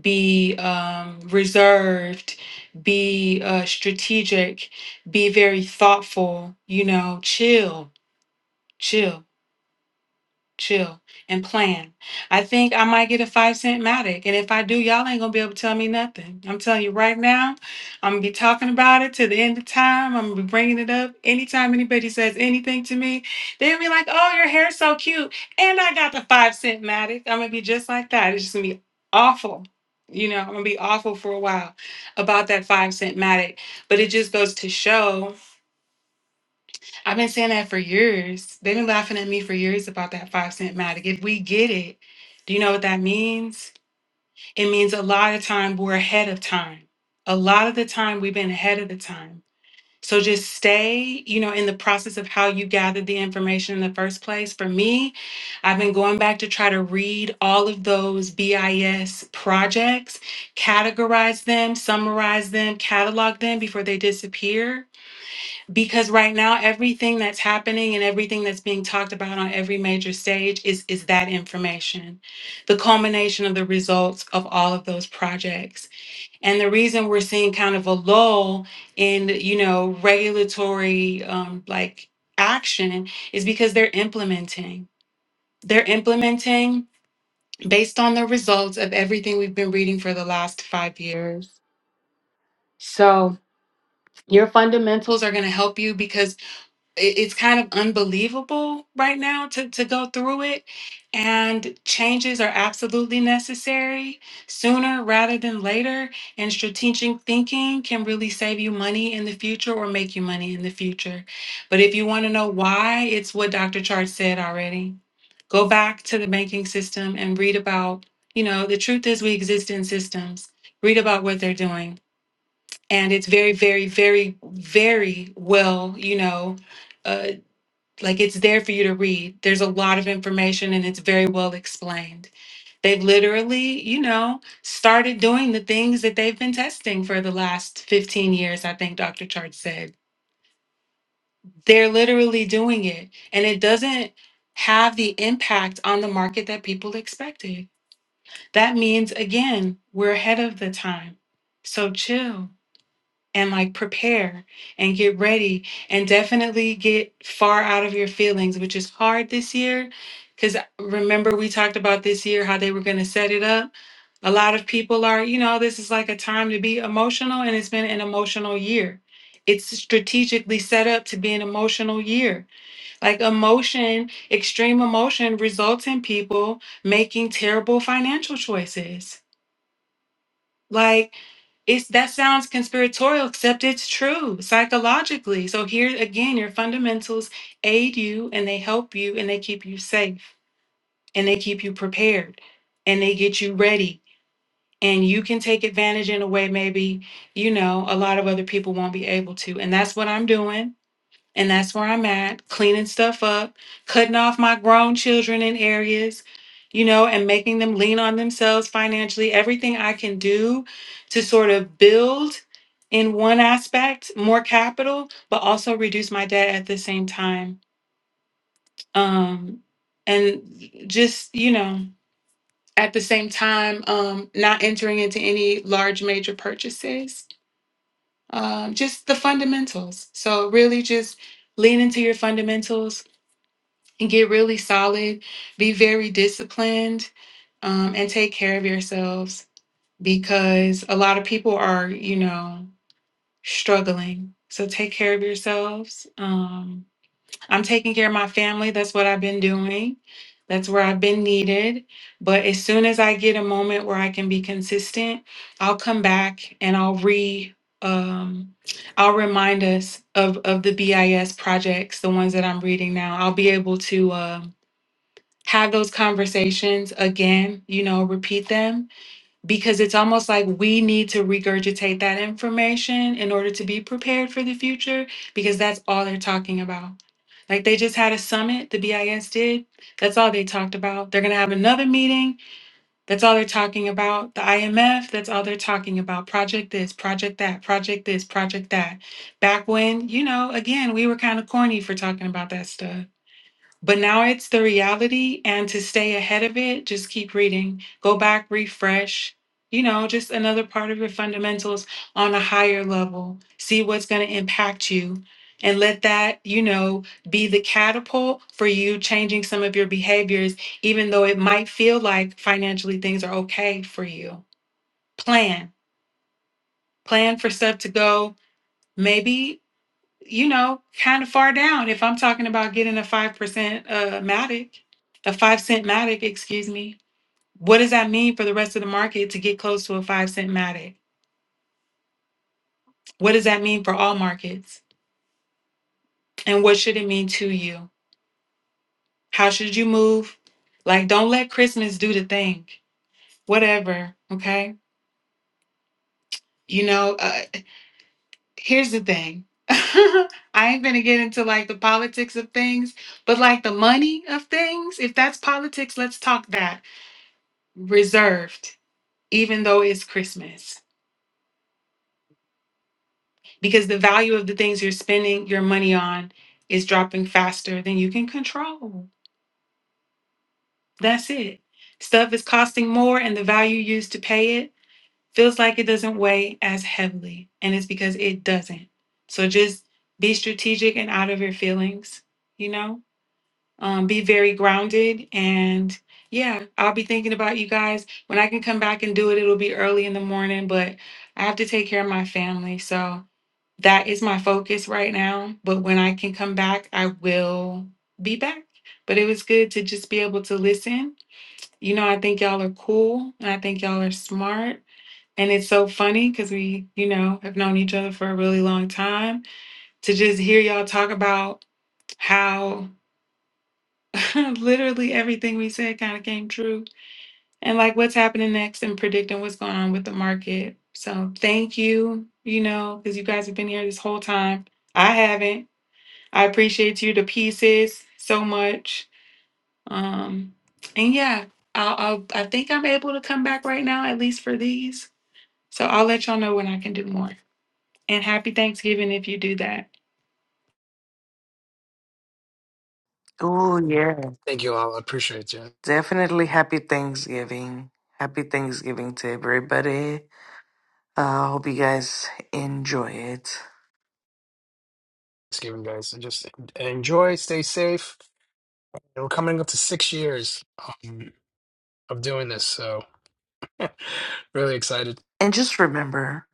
B: be um, reserved be uh, strategic be very thoughtful you know chill chill chill and plan. I think I might get a five cent Matic. And if I do, y'all ain't gonna be able to tell me nothing. I'm telling you right now, I'm gonna be talking about it to the end of time. I'm gonna be bringing it up. Anytime anybody says anything to me, they'll be like, oh, your hair's so cute. And I got the five cent Matic. I'm gonna be just like that. It's just gonna be awful. You know, I'm gonna be awful for a while about that five cent Matic. But it just goes to show I've been saying that for years. They've been laughing at me for years about that five cent Matic. If we get it, do you know what that means? It means a lot of time we're ahead of time. A lot of the time we've been ahead of the time. So just stay, you know, in the process of how you gathered the information in the first place. For me, I've been going back to try to read all of those BIS projects, categorize them, summarize them, catalog them before they disappear because right now everything that's happening and everything that's being talked about on every major stage is is that information the culmination of the results of all of those projects and the reason we're seeing kind of a lull in you know regulatory um, like action is because they're implementing they're implementing based on the results of everything we've been reading for the last five years so your fundamentals are going to help you because it- it's kind of unbelievable right now to, to go through it and changes are absolutely necessary sooner rather than later and strategic thinking can really save you money in the future or make you money in the future but if you want to know why it's what dr chart said already go back to the banking system and read about you know the truth is we exist in systems read about what they're doing and it's very very very very well you know uh, like it's there for you to read. There's a lot of information and it's very well explained. They've literally, you know, started doing the things that they've been testing for the last 15 years, I think Dr. Chart said. They're literally doing it and it doesn't have the impact on the market that people expected. That means, again, we're ahead of the time. So chill. and like prepare and get ready and definitely get far out of your feelings, which is hard this year. Because remember, we talked about this year how they were going to set it up. A lot of people are, you know, this is like a time to be emotional, and it's been an emotional year. It's strategically set up to be an emotional year. Like emotion, extreme emotion results in people making terrible financial choices like it's that sounds conspiratorial, except it's true psychologically. So here again, your fundamentals aid you and they help you and they keep you safe and they keep you prepared and they get you ready. And you can take advantage in a way maybe, you know, a lot of other people won't be able to. And that's what I'm doing. And that's where I'm at, cleaning stuff up, cutting off my grown children in areas, you know, and making them lean on themselves financially. Everything I can do to sort of build in one aspect more capital, but also reduce my debt at the same time. Um, and just, you know, at the same time, um, not entering into any large major purchases. Um, just the fundamentals. So really just lean into your fundamentals and get really solid, be very disciplined, um, and take care of yourselves because a lot of people are, you know, struggling. So take care of yourselves. Um, I'm taking care of my family. That's what I've been doing. That's where I've been needed. But as soon as I get a moment where I can be consistent, I'll come back and I'll re um I'll remind us of of the BIS projects, the ones that I'm reading now. I'll be able to um have those conversations again, you know, repeat them because it's almost like we need to regurgitate that information in order to be prepared for the future because that's all they're talking about. Like they just had a summit, the BIS did. That's all they talked about. They're going to have another meeting. That's all they're talking about. The IMF, that's all they're talking about. Project this, project that, project this, project that. Back when, you know, again, we were kind of corny for talking about that stuff but now it's the reality. And to stay ahead of it, just keep reading, go back, refresh, you know, just another part of your fundamentals on a higher level. See what's going to impact you and let that, you know, be the catapult for you changing some of your behaviors, even though it might feel like financially things are okay for you. Plan, plan for stuff to go. Maybe you know, kind of far down if I'm talking about getting a 5% uh, Matic, a 5 cent Matic, excuse me. What does that mean for the rest of the market to get close to a 5 cent Matic? What does that mean for all markets? And what should it mean to you? How should you move? Like, don't let Christmas do the thing. Whatever, okay? You know, uh, here's the thing. I ain't gonna get into like the politics of things, but like the money of things, if that's politics, let's talk that reserved, even though it's Christmas, because the value of the things you're spending your money on is dropping faster than you can control. That's it. Stuff is costing more, and the value used to pay it feels like it doesn't weigh as heavily, and it's because it doesn't. So just be strategic and out of your feelings, you know? um, be very grounded and yeah i'll be thinking about you guys when i can come back and do it it'll be early in the morning but i have to take care of my family so that is my focus right now but when i can come back i will be back but it was good to just be able to listen you know i think y'all are cool and i think y'all are smart and it's so funny because we you know have known each other for a really long time to just hear y'all talk about how Literally everything we said kind of came true. And like what's happening next and predicting what's going on with the market. So thank you, you know, because you guys have been here this whole time. I haven't. I appreciate you to pieces so much. Um, and yeah, I'll, I'll, I think I'm able to come back right now, at least for these. So I'll let y'all know when I can do more. And happy Thanksgiving if you do that.
D: Oh
A: Thank you all. I appreciate you.
D: Definitely happy Thanksgiving. Happy Thanksgiving to everybody. I uh, hope you guys enjoy it.
A: Thanksgiving, guys. And just enjoy, stay safe. We're coming up to six years um, of doing this, so really excited.
D: And just remember,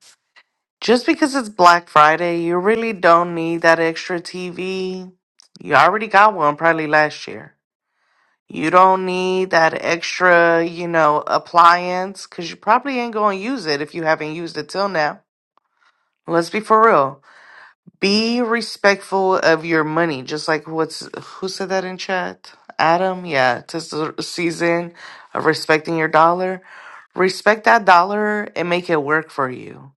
D: just because it's Black Friday, you really don't need that extra TV. You already got one probably last year. You don't need that extra, you know, appliance because you probably ain't going to use it if you haven't used it till now. Let's be for real. Be respectful of your money, just like what's who said that in chat? Adam, yeah, it's the season of respecting your dollar. Respect that dollar and make it work for you.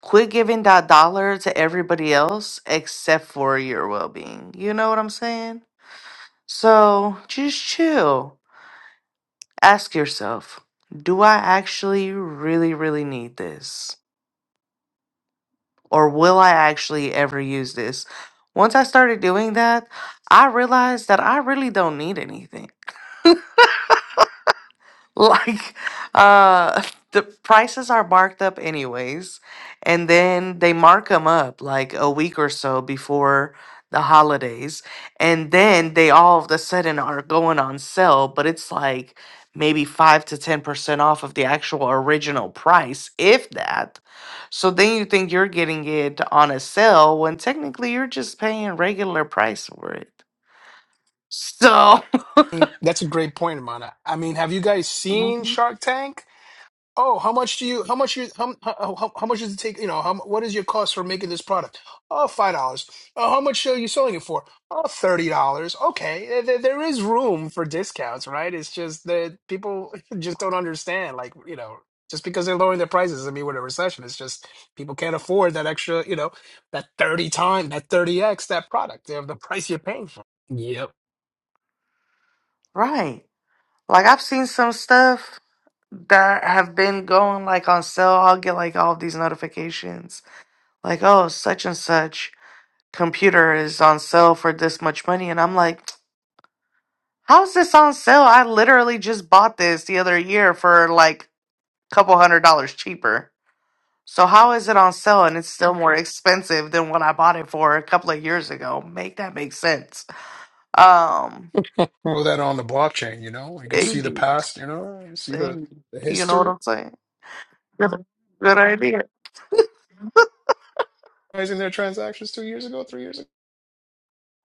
D: Quit giving that dollar to everybody else except for your well being. You know what I'm saying? So just chill. Ask yourself, do I actually really, really need this? or will I actually ever use this? Once I started doing that, I realized that I really don't need anything like uh the prices are marked up anyways and then they mark them up like a week or so before the holidays and then they all of a sudden are going on sale but it's like maybe 5 to 10% off of the actual original price if that so then you think you're getting it on a sale when technically you're just paying regular price for it so
A: Mm, That's a great point, Amana. I mean, have you guys seen
D: Mhm.
A: Shark Tank? Oh, how much do you? How much you? How how, how how much does it take? You know, how what is your cost for making this product? Oh, five dollars. Oh, how much are you selling it for? Oh, thirty dollars. Okay, there, there there is room for discounts, right? It's just that people just don't understand. Like you know, just because they're lowering their prices I mean we're in a recession. It's just people can't afford that extra. You know, that thirty time, that thirty x, that product. They have the price you're paying for. Yep.
D: right like i've seen some stuff that have been going like on sale, I'll get like all these notifications like, oh, such and such computer is on sale for this much money. And I'm like, how's this on sale? I literally just bought this the other year for like a couple hundred dollars cheaper. So how is it on sale and it's still more expensive than what I bought it for a couple of years ago? Make that make sense. Um,
A: Throw that on the blockchain. You know, you could see
D: it-
A: the past. You know, see the
D: it-
A: the
D: you know
A: history.
D: what I'm saying? Good, good idea.
A: maximizing their transactions two years ago, three years ago.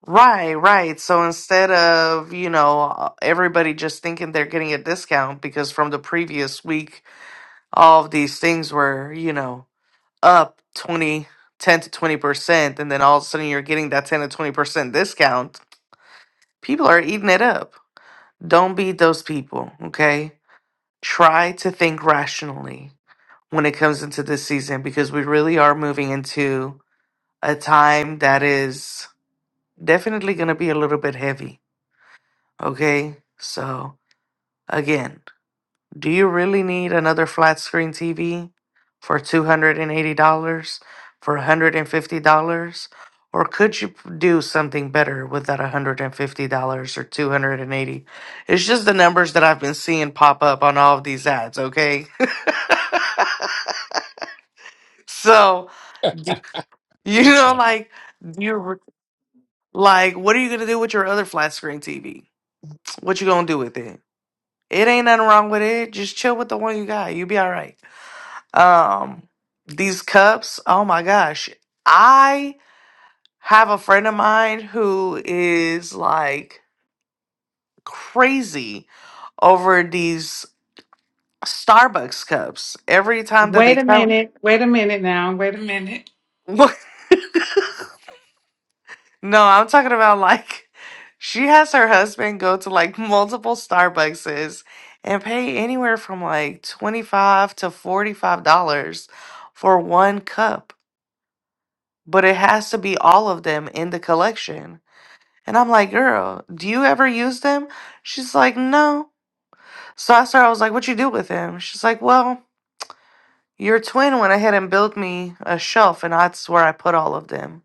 D: Right, right. So instead of, you know, everybody just thinking they're getting a discount because from the previous week, all of these things were, you know, up 20 10 to 20%, and then all of a sudden you're getting that 10 to 20% discount, people are eating it up. Don't be those people, okay? Try to think rationally when it comes into this season because we really are moving into a time that is definitely going to be a little bit heavy Okay, so again, do you really need another flat screen TV for $280, for $150? Or could you p- do something better with that $150 or 280 It's just the numbers that I've been seeing pop up on all of these ads, okay? so, y- you
A: That's
D: know,
A: funny.
D: like, you're like, what are you going to do with your other flat screen TV? What you going to do with it? It ain't nothing wrong with it. Just chill with the one you got. You'll be all right. Um, these cups, oh my gosh. I have a friend of mine who is like crazy over these Starbucks cups. Every time that they
B: Wait a
D: come,
B: minute. Wait a minute now. Wait a minute.
D: no, I'm talking about like she has her husband go to like multiple Starbuckses and pay anywhere from like 25 to $45 for one cup but it has to be all of them in the collection. And I'm like, girl, do you ever use them? She's like, no. So I started, I was like, what you do with them? She's like, well, your twin went ahead and built me a shelf, and that's where I put all of them.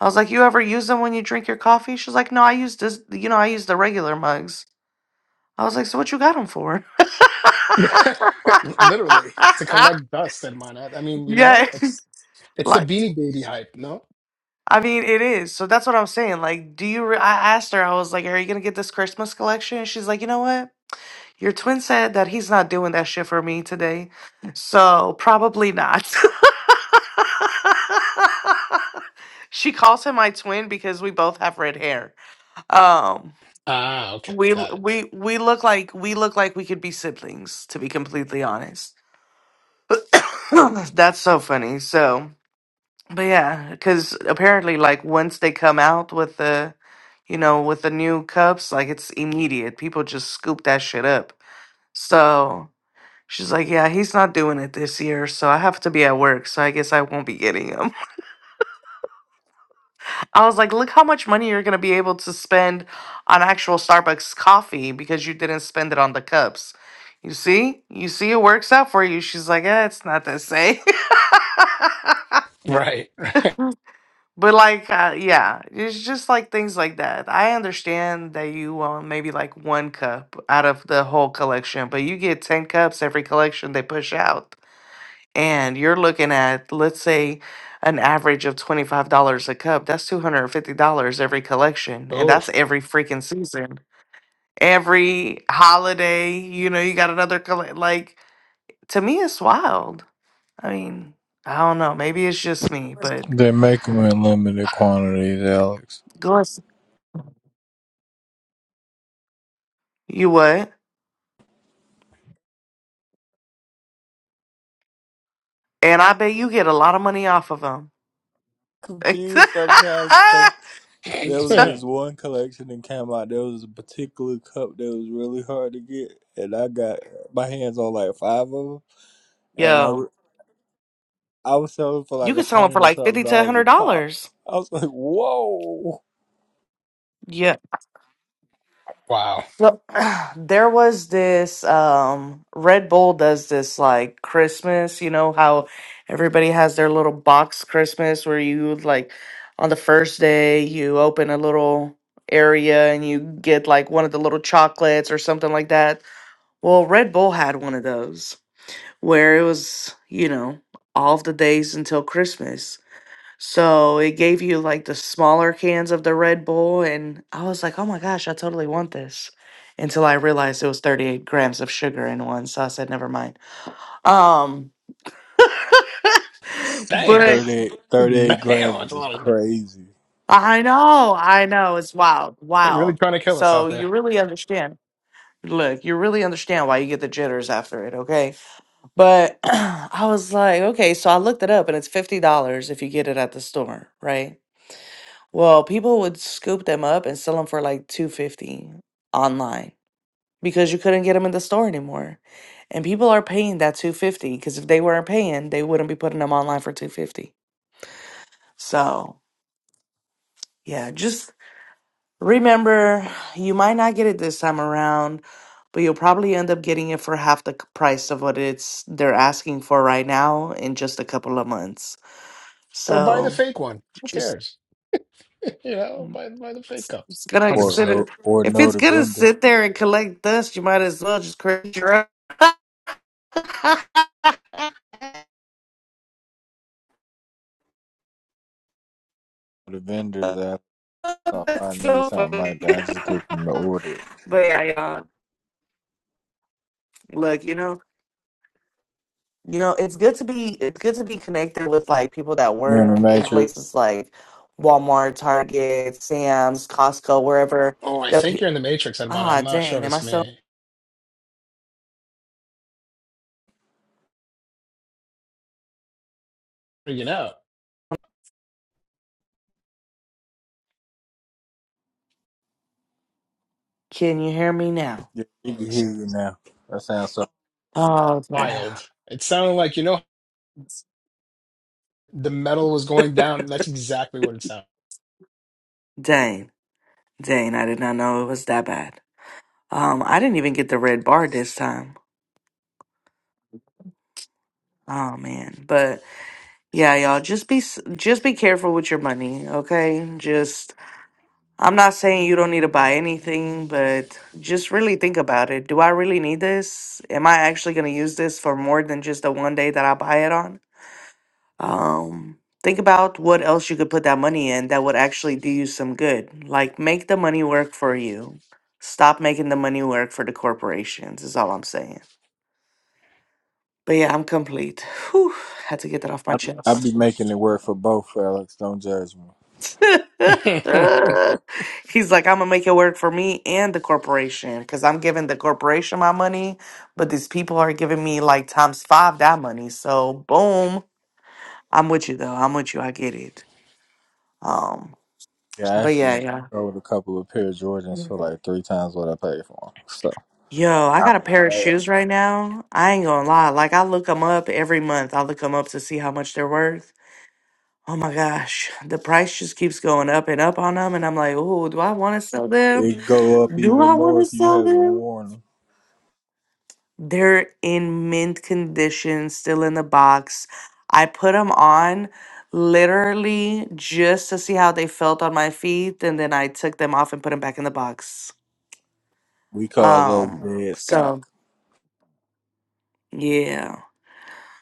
D: I was like, you ever use them when you drink your coffee? She's like, no, I use this, you know, I use the regular mugs. I was like, so what you got them for?
A: Literally to collect dust and whatnot. I mean, you
D: yeah,
A: know, it's it's the
D: like
A: Beanie Baby hype, no?
D: I mean, it is. So that's what I'm saying. Like, do you? Re- I asked her. I was like, "Are you gonna get this Christmas collection?" And she's like, "You know what? Your twin said that he's not doing that shit for me today, so probably not." she calls him my twin because we both have red hair. Um,
A: Ah, okay,
D: we
A: got it.
D: we we look like we look like we could be siblings. To be completely honest, that's so funny. So. But yeah, because apparently, like once they come out with the, you know, with the new cups, like it's immediate. People just scoop that shit up. So she's like, "Yeah, he's not doing it this year, so I have to be at work, so I guess I won't be getting him." I was like, "Look how much money you're gonna be able to spend on actual Starbucks coffee because you didn't spend it on the cups." You see, you see, it works out for you. She's like, "Yeah, it's not the same."
A: Right.
D: But like, uh, yeah, it's just like things like that. I understand that you want maybe like one cup out of the whole collection, but you get 10 cups every collection they push out. And you're looking at, let's say, an average of $25 a cup. That's $250 every collection. And
A: Oh,
D: that's every freaking season. Every holiday, you know, you got another colle Like, to me, it's wild. I mean, I don't know. Maybe it's just me, but
C: They make them in limited quantities, Alex.
D: go ahead. You what? And I bet you get a lot of money off of them.
C: Confused sometimes because there was this one collection that came out. There was a particular cup that was really hard to get, and I got my hands on like five of them. and I.
D: Yo,
C: I was selling for
D: you
C: like a
D: could sell them for
C: hundred or
D: like
C: something
D: fifty to
C: dollars a
D: hundred
C: pop.
D: dollars.
C: I was like, whoa.
D: Yeah.
A: wow.
D: So there was this um Red Bull does this like Christmas, you know how everybody has their little box Christmas where you like on the first day you open a little area and you get like one of the little chocolates or something like that. Well, Red Bull had one of those. where it was, you know, all of the days until Christmas. So it gave you like the smaller cans of the Red Bull. And I was like, oh my gosh, I totally want this. Until I realized it was 38 grams of sugar in one. So I said, never mind. Um,
A: Damn,
D: but
C: 38,
A: damn,
C: thirty-eight
A: that's
C: grams
A: a
C: was
A: lot of.
C: crazy.
D: I know, I know, it's wild,
A: They're really
D: wild.
A: trying to kill us out
D: So
A: there.
D: you really understand. Look, you really understand why you get the jitters after it, okay? But I was like, okay, so I looked it up and it's $50 if you get it at the store, right? Well, people would scoop them up and sell them for like 250 online because you couldn't get them in the store anymore. And people are paying that 250 because if they weren't paying, they wouldn't be putting them online for 250. So, yeah, just remember you might not get it this time around, but you'll probably end up getting it for half the c- price of what it's they're asking for right now in just a couple of months.
A: Or buy the
D: So,
A: fake one. Who
D: just
A: cares? You
D: mm,
A: know, buy buy the fake cups.
D: It's gonna
A: Hundred
C: Or
A: percent.
D: consider
C: no or
D: if
C: no
D: it's
C: the
D: gonna
C: vendor.
D: sit there and collect dust, you might as well just create your own.
C: The vendors after so if I
D: That's
C: need
D: so
C: something
D: funny.
C: like that, I just get them to order it.
D: but yeah, y'all, look, you know, you know, it's good to be it's good to be connected with like people that
C: You're in the
D: work in
C: matrix.
D: places like Walmart, Target, Sam's, Costco, wherever.
A: Oh, I
D: The
A: think
D: pe-
A: you're in the Matrix, Edmana. I'm
D: ah,
A: not sure
D: dang,
A: if
D: am I
A: it's
D: still?
A: me. Freaking out.
D: Can you hear me now?
C: Yeah, we can hear
A: It's
C: you now. That sounds so
D: Oh, dang,
A: wild. It sounded like you know. the metal was going down. That's exactly what it sounded.
D: dang, dang, I did not know it was that bad. Um, I didn't even get the red bar this time. Oh man, but yeah, y'all just be s- just be careful with your money, okay? Just I'm not saying you don't need to buy anything, but just really think about it. Do I really need this? Am I actually going to use this for more than just the one day that I buy it on? Um, think about what else you could put that money in that would actually do you some good. Like make the money work for you. Stop making the money work for the corporations. Is all I'm saying. But yeah, I'm complete. Whew, had to get that off my
C: I I
D: chest.
C: be making it work for both, Alex. Don't judge me.
A: yeah,
D: He's like, I'm gonna make it work for me and the corporation because I'm giving the corporation my money, but these people are giving me like times five that money. So boom, I'm with you though. I'm with you. I get it. Um,
C: Yeah, I
D: but yeah,
C: actually just
D: yeah.
C: sold a couple of pair of Jordans for like three times what I paid for them. So
D: Yo, I
C: I'm
D: got a
C: not
D: pair of
C: mad.
D: shoes right now. I ain't gonna lie. Like I look them up every month. I look them up to see how much they're worth. Oh my gosh, the price just keeps going up and up on them. And I'm like, oh, do I want to sell them?
C: It go up
D: Do
C: even
D: I want
C: more
D: to
C: if you
D: sell
C: haven't
D: them?
C: worn them.
D: They're in mint condition, still in the box. I put them on literally just to see how they felt on my feet. And then I took them off and put them back in the box.
C: We call those
D: Um,
C: dead stock.
D: so yeah.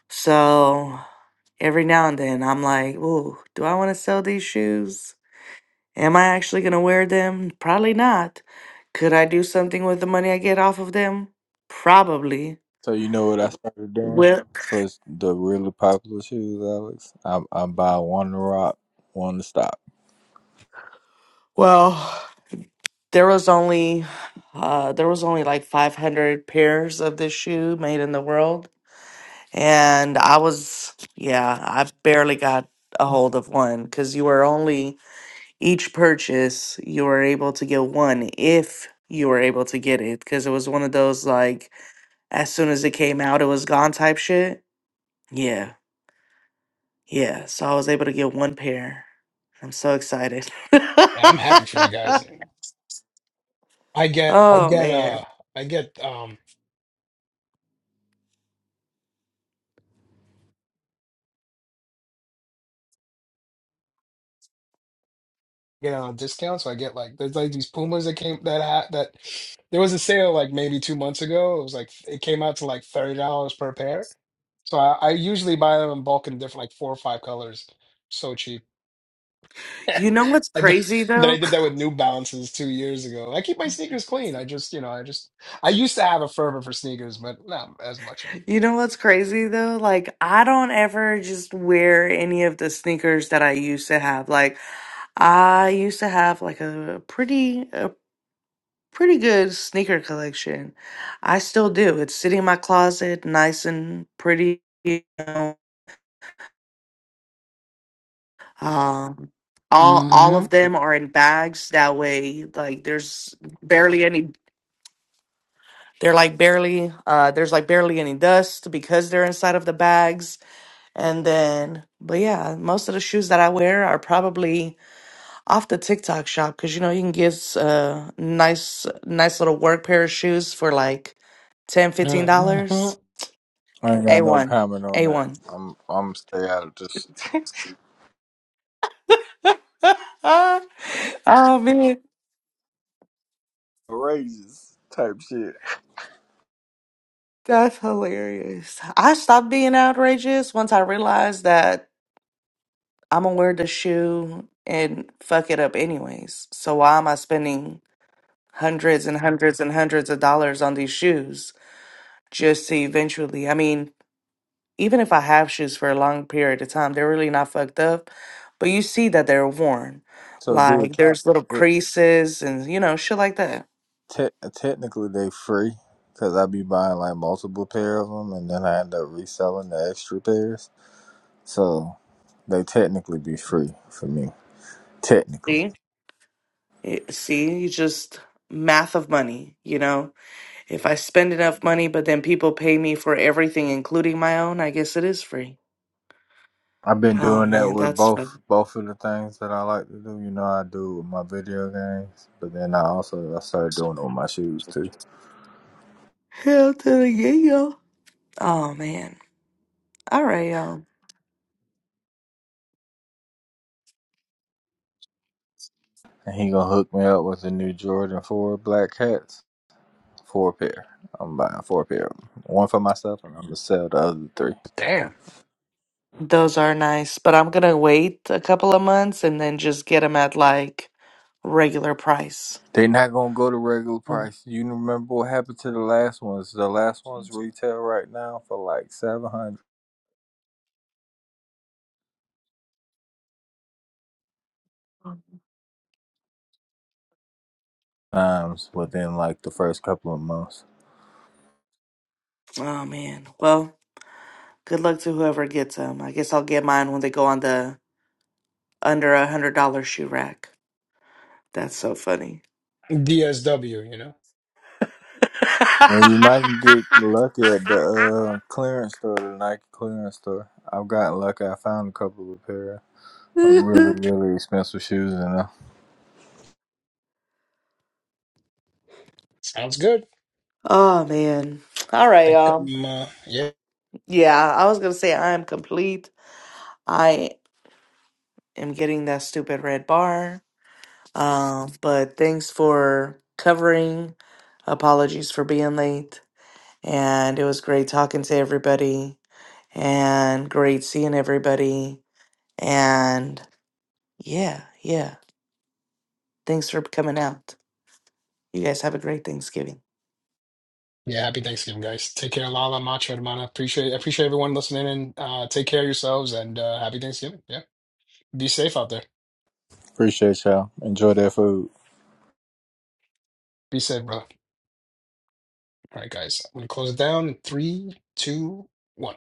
D: So every now and then I'm like, oh, do I want to sell these shoes? Am I actually going to wear them? Probably not. Could I do something with the money I get off of them? Probably.
C: So you know what I started doing?
D: Well,
C: So it's the really popular shoes, Alex. I I buy one to rock, one to stop.
D: well, there was only uh there was only like 500 pairs of this shoe made in the world, and I was yeah, I barely got a hold of one cuz you were only each purchase you were able to get one if you were able to get it cuz it was one of those like as soon as it came out it was gone type shit. Yeah. Yeah, so I was able to get one pair. I'm so excited.
A: I'm happy for you guys. I get, I
D: oh
A: get, uh,
D: man.
A: I get, um, get on a discount, so I get like there's like these Pumas that came that ha that there was a sale like maybe two months ago. It was like it came out to like thirty dollars per pair. So I, I usually buy them in bulk in different like four or five colors. So cheap.
D: You know what's
A: I d-
D: crazy
A: Then I
D: though?
A: did that with New Balances two years ago. I keep my sneakers clean. I just, you know, I just, I used to have a fervor for sneakers, but not as much
D: You know what's crazy though? Like I don't ever just wear any of the sneakers that I used to have. Like I used to have like a pretty a pretty good sneaker collection. I still do. It's sitting in my closet, nice and pretty. you know, Um, all all
A: anymore.
D: of them are in bags. That way, like there's barely any. They're like barely. Uh, there's like barely any dust because they're inside of the bags. And then, but yeah, most of the shoes that I wear are probably off the TikTok shop because you know you can get uh nice nice little work pair of shoes for like ten fifteen
A: Mm-hmm.
D: dollars.
C: I ain't
D: A
C: got no
D: one,
C: comment on
D: a
C: that.
D: one.
C: I'm I'm stay out of this
D: oh man.
C: outrageous type shit.
D: That's hilarious. I stopped being outrageous once I realized that I'm gonna wear the shoe and fuck it up anyways. So why am I spending hundreds and hundreds and hundreds of dollars on these shoes just to eventually? I mean, even if I have shoes for a long period of time, they're really not fucked up, but you see that they're worn.
C: So do it
D: Like
C: count?
D: there's little
C: It
D: creases and you know shit like that.
C: te- technically they free because I be buying like multiple pair of them, and then I end up reselling the extra pairs. So they technically be free for me. Technically.
D: See, Eh, see, you just math of money, you know. If I spend enough money, but then people pay me for everything, including my own, I guess it is free.
C: I've been
D: Oh
C: doing that
D: man,
C: with
D: that's
C: both
D: fun.
C: both of the things that I like to do. You know, I do it with my video games, but then I also I started doing it with my shoes too.
D: Hell to the yeah, yo. Oh man. All right, y'all.
C: And he gonna hook me up with the new Jordan Four black hats, four pair. I'm buying four pair, of 'em. one for myself, and I'm gonna sell the other three.
A: Damn.
D: Those are nice, but I'm gonna wait a couple of months and then just get them at like regular price.
C: They not gonna go to regular
D: Oh
C: price. You remember what happened to the last ones? The last ones retail right now for like seven hundred times within like the first couple of months.
D: Oh, man. Well, good luck to whoever gets them. I guess I'll get mine when they go on the under a hundred dollar shoe rack. That's so funny.
A: DSW, you know,
C: And you might get lucky at the uh, clearance store, the Nike clearance store. I've gotten lucky. I found a couple of pair of really, really expensive shoes in there.
A: sounds good.
D: Oh man. All right,
A: Think
D: y'all.
A: i uh, yeah.
D: Yeah, I was gonna say I am complete. I am getting that stupid red bar. Um, but thanks for covering. Apologies for being late. And it was great talking to everybody and great seeing everybody. And yeah, yeah. Thanks for coming out. You guys have a great Thanksgiving.
A: Yeah, happy Thanksgiving, guys. Take care, Lala, Macho, Hermana. Appreciate, appreciate everyone listening and uh, take care of yourselves and uh, happy Thanksgiving. Yeah. Be safe out there.
C: Appreciate y'all. Enjoy that food.
A: Be safe, brother. All right, guys. I'm going to close it down. in Three, two, one.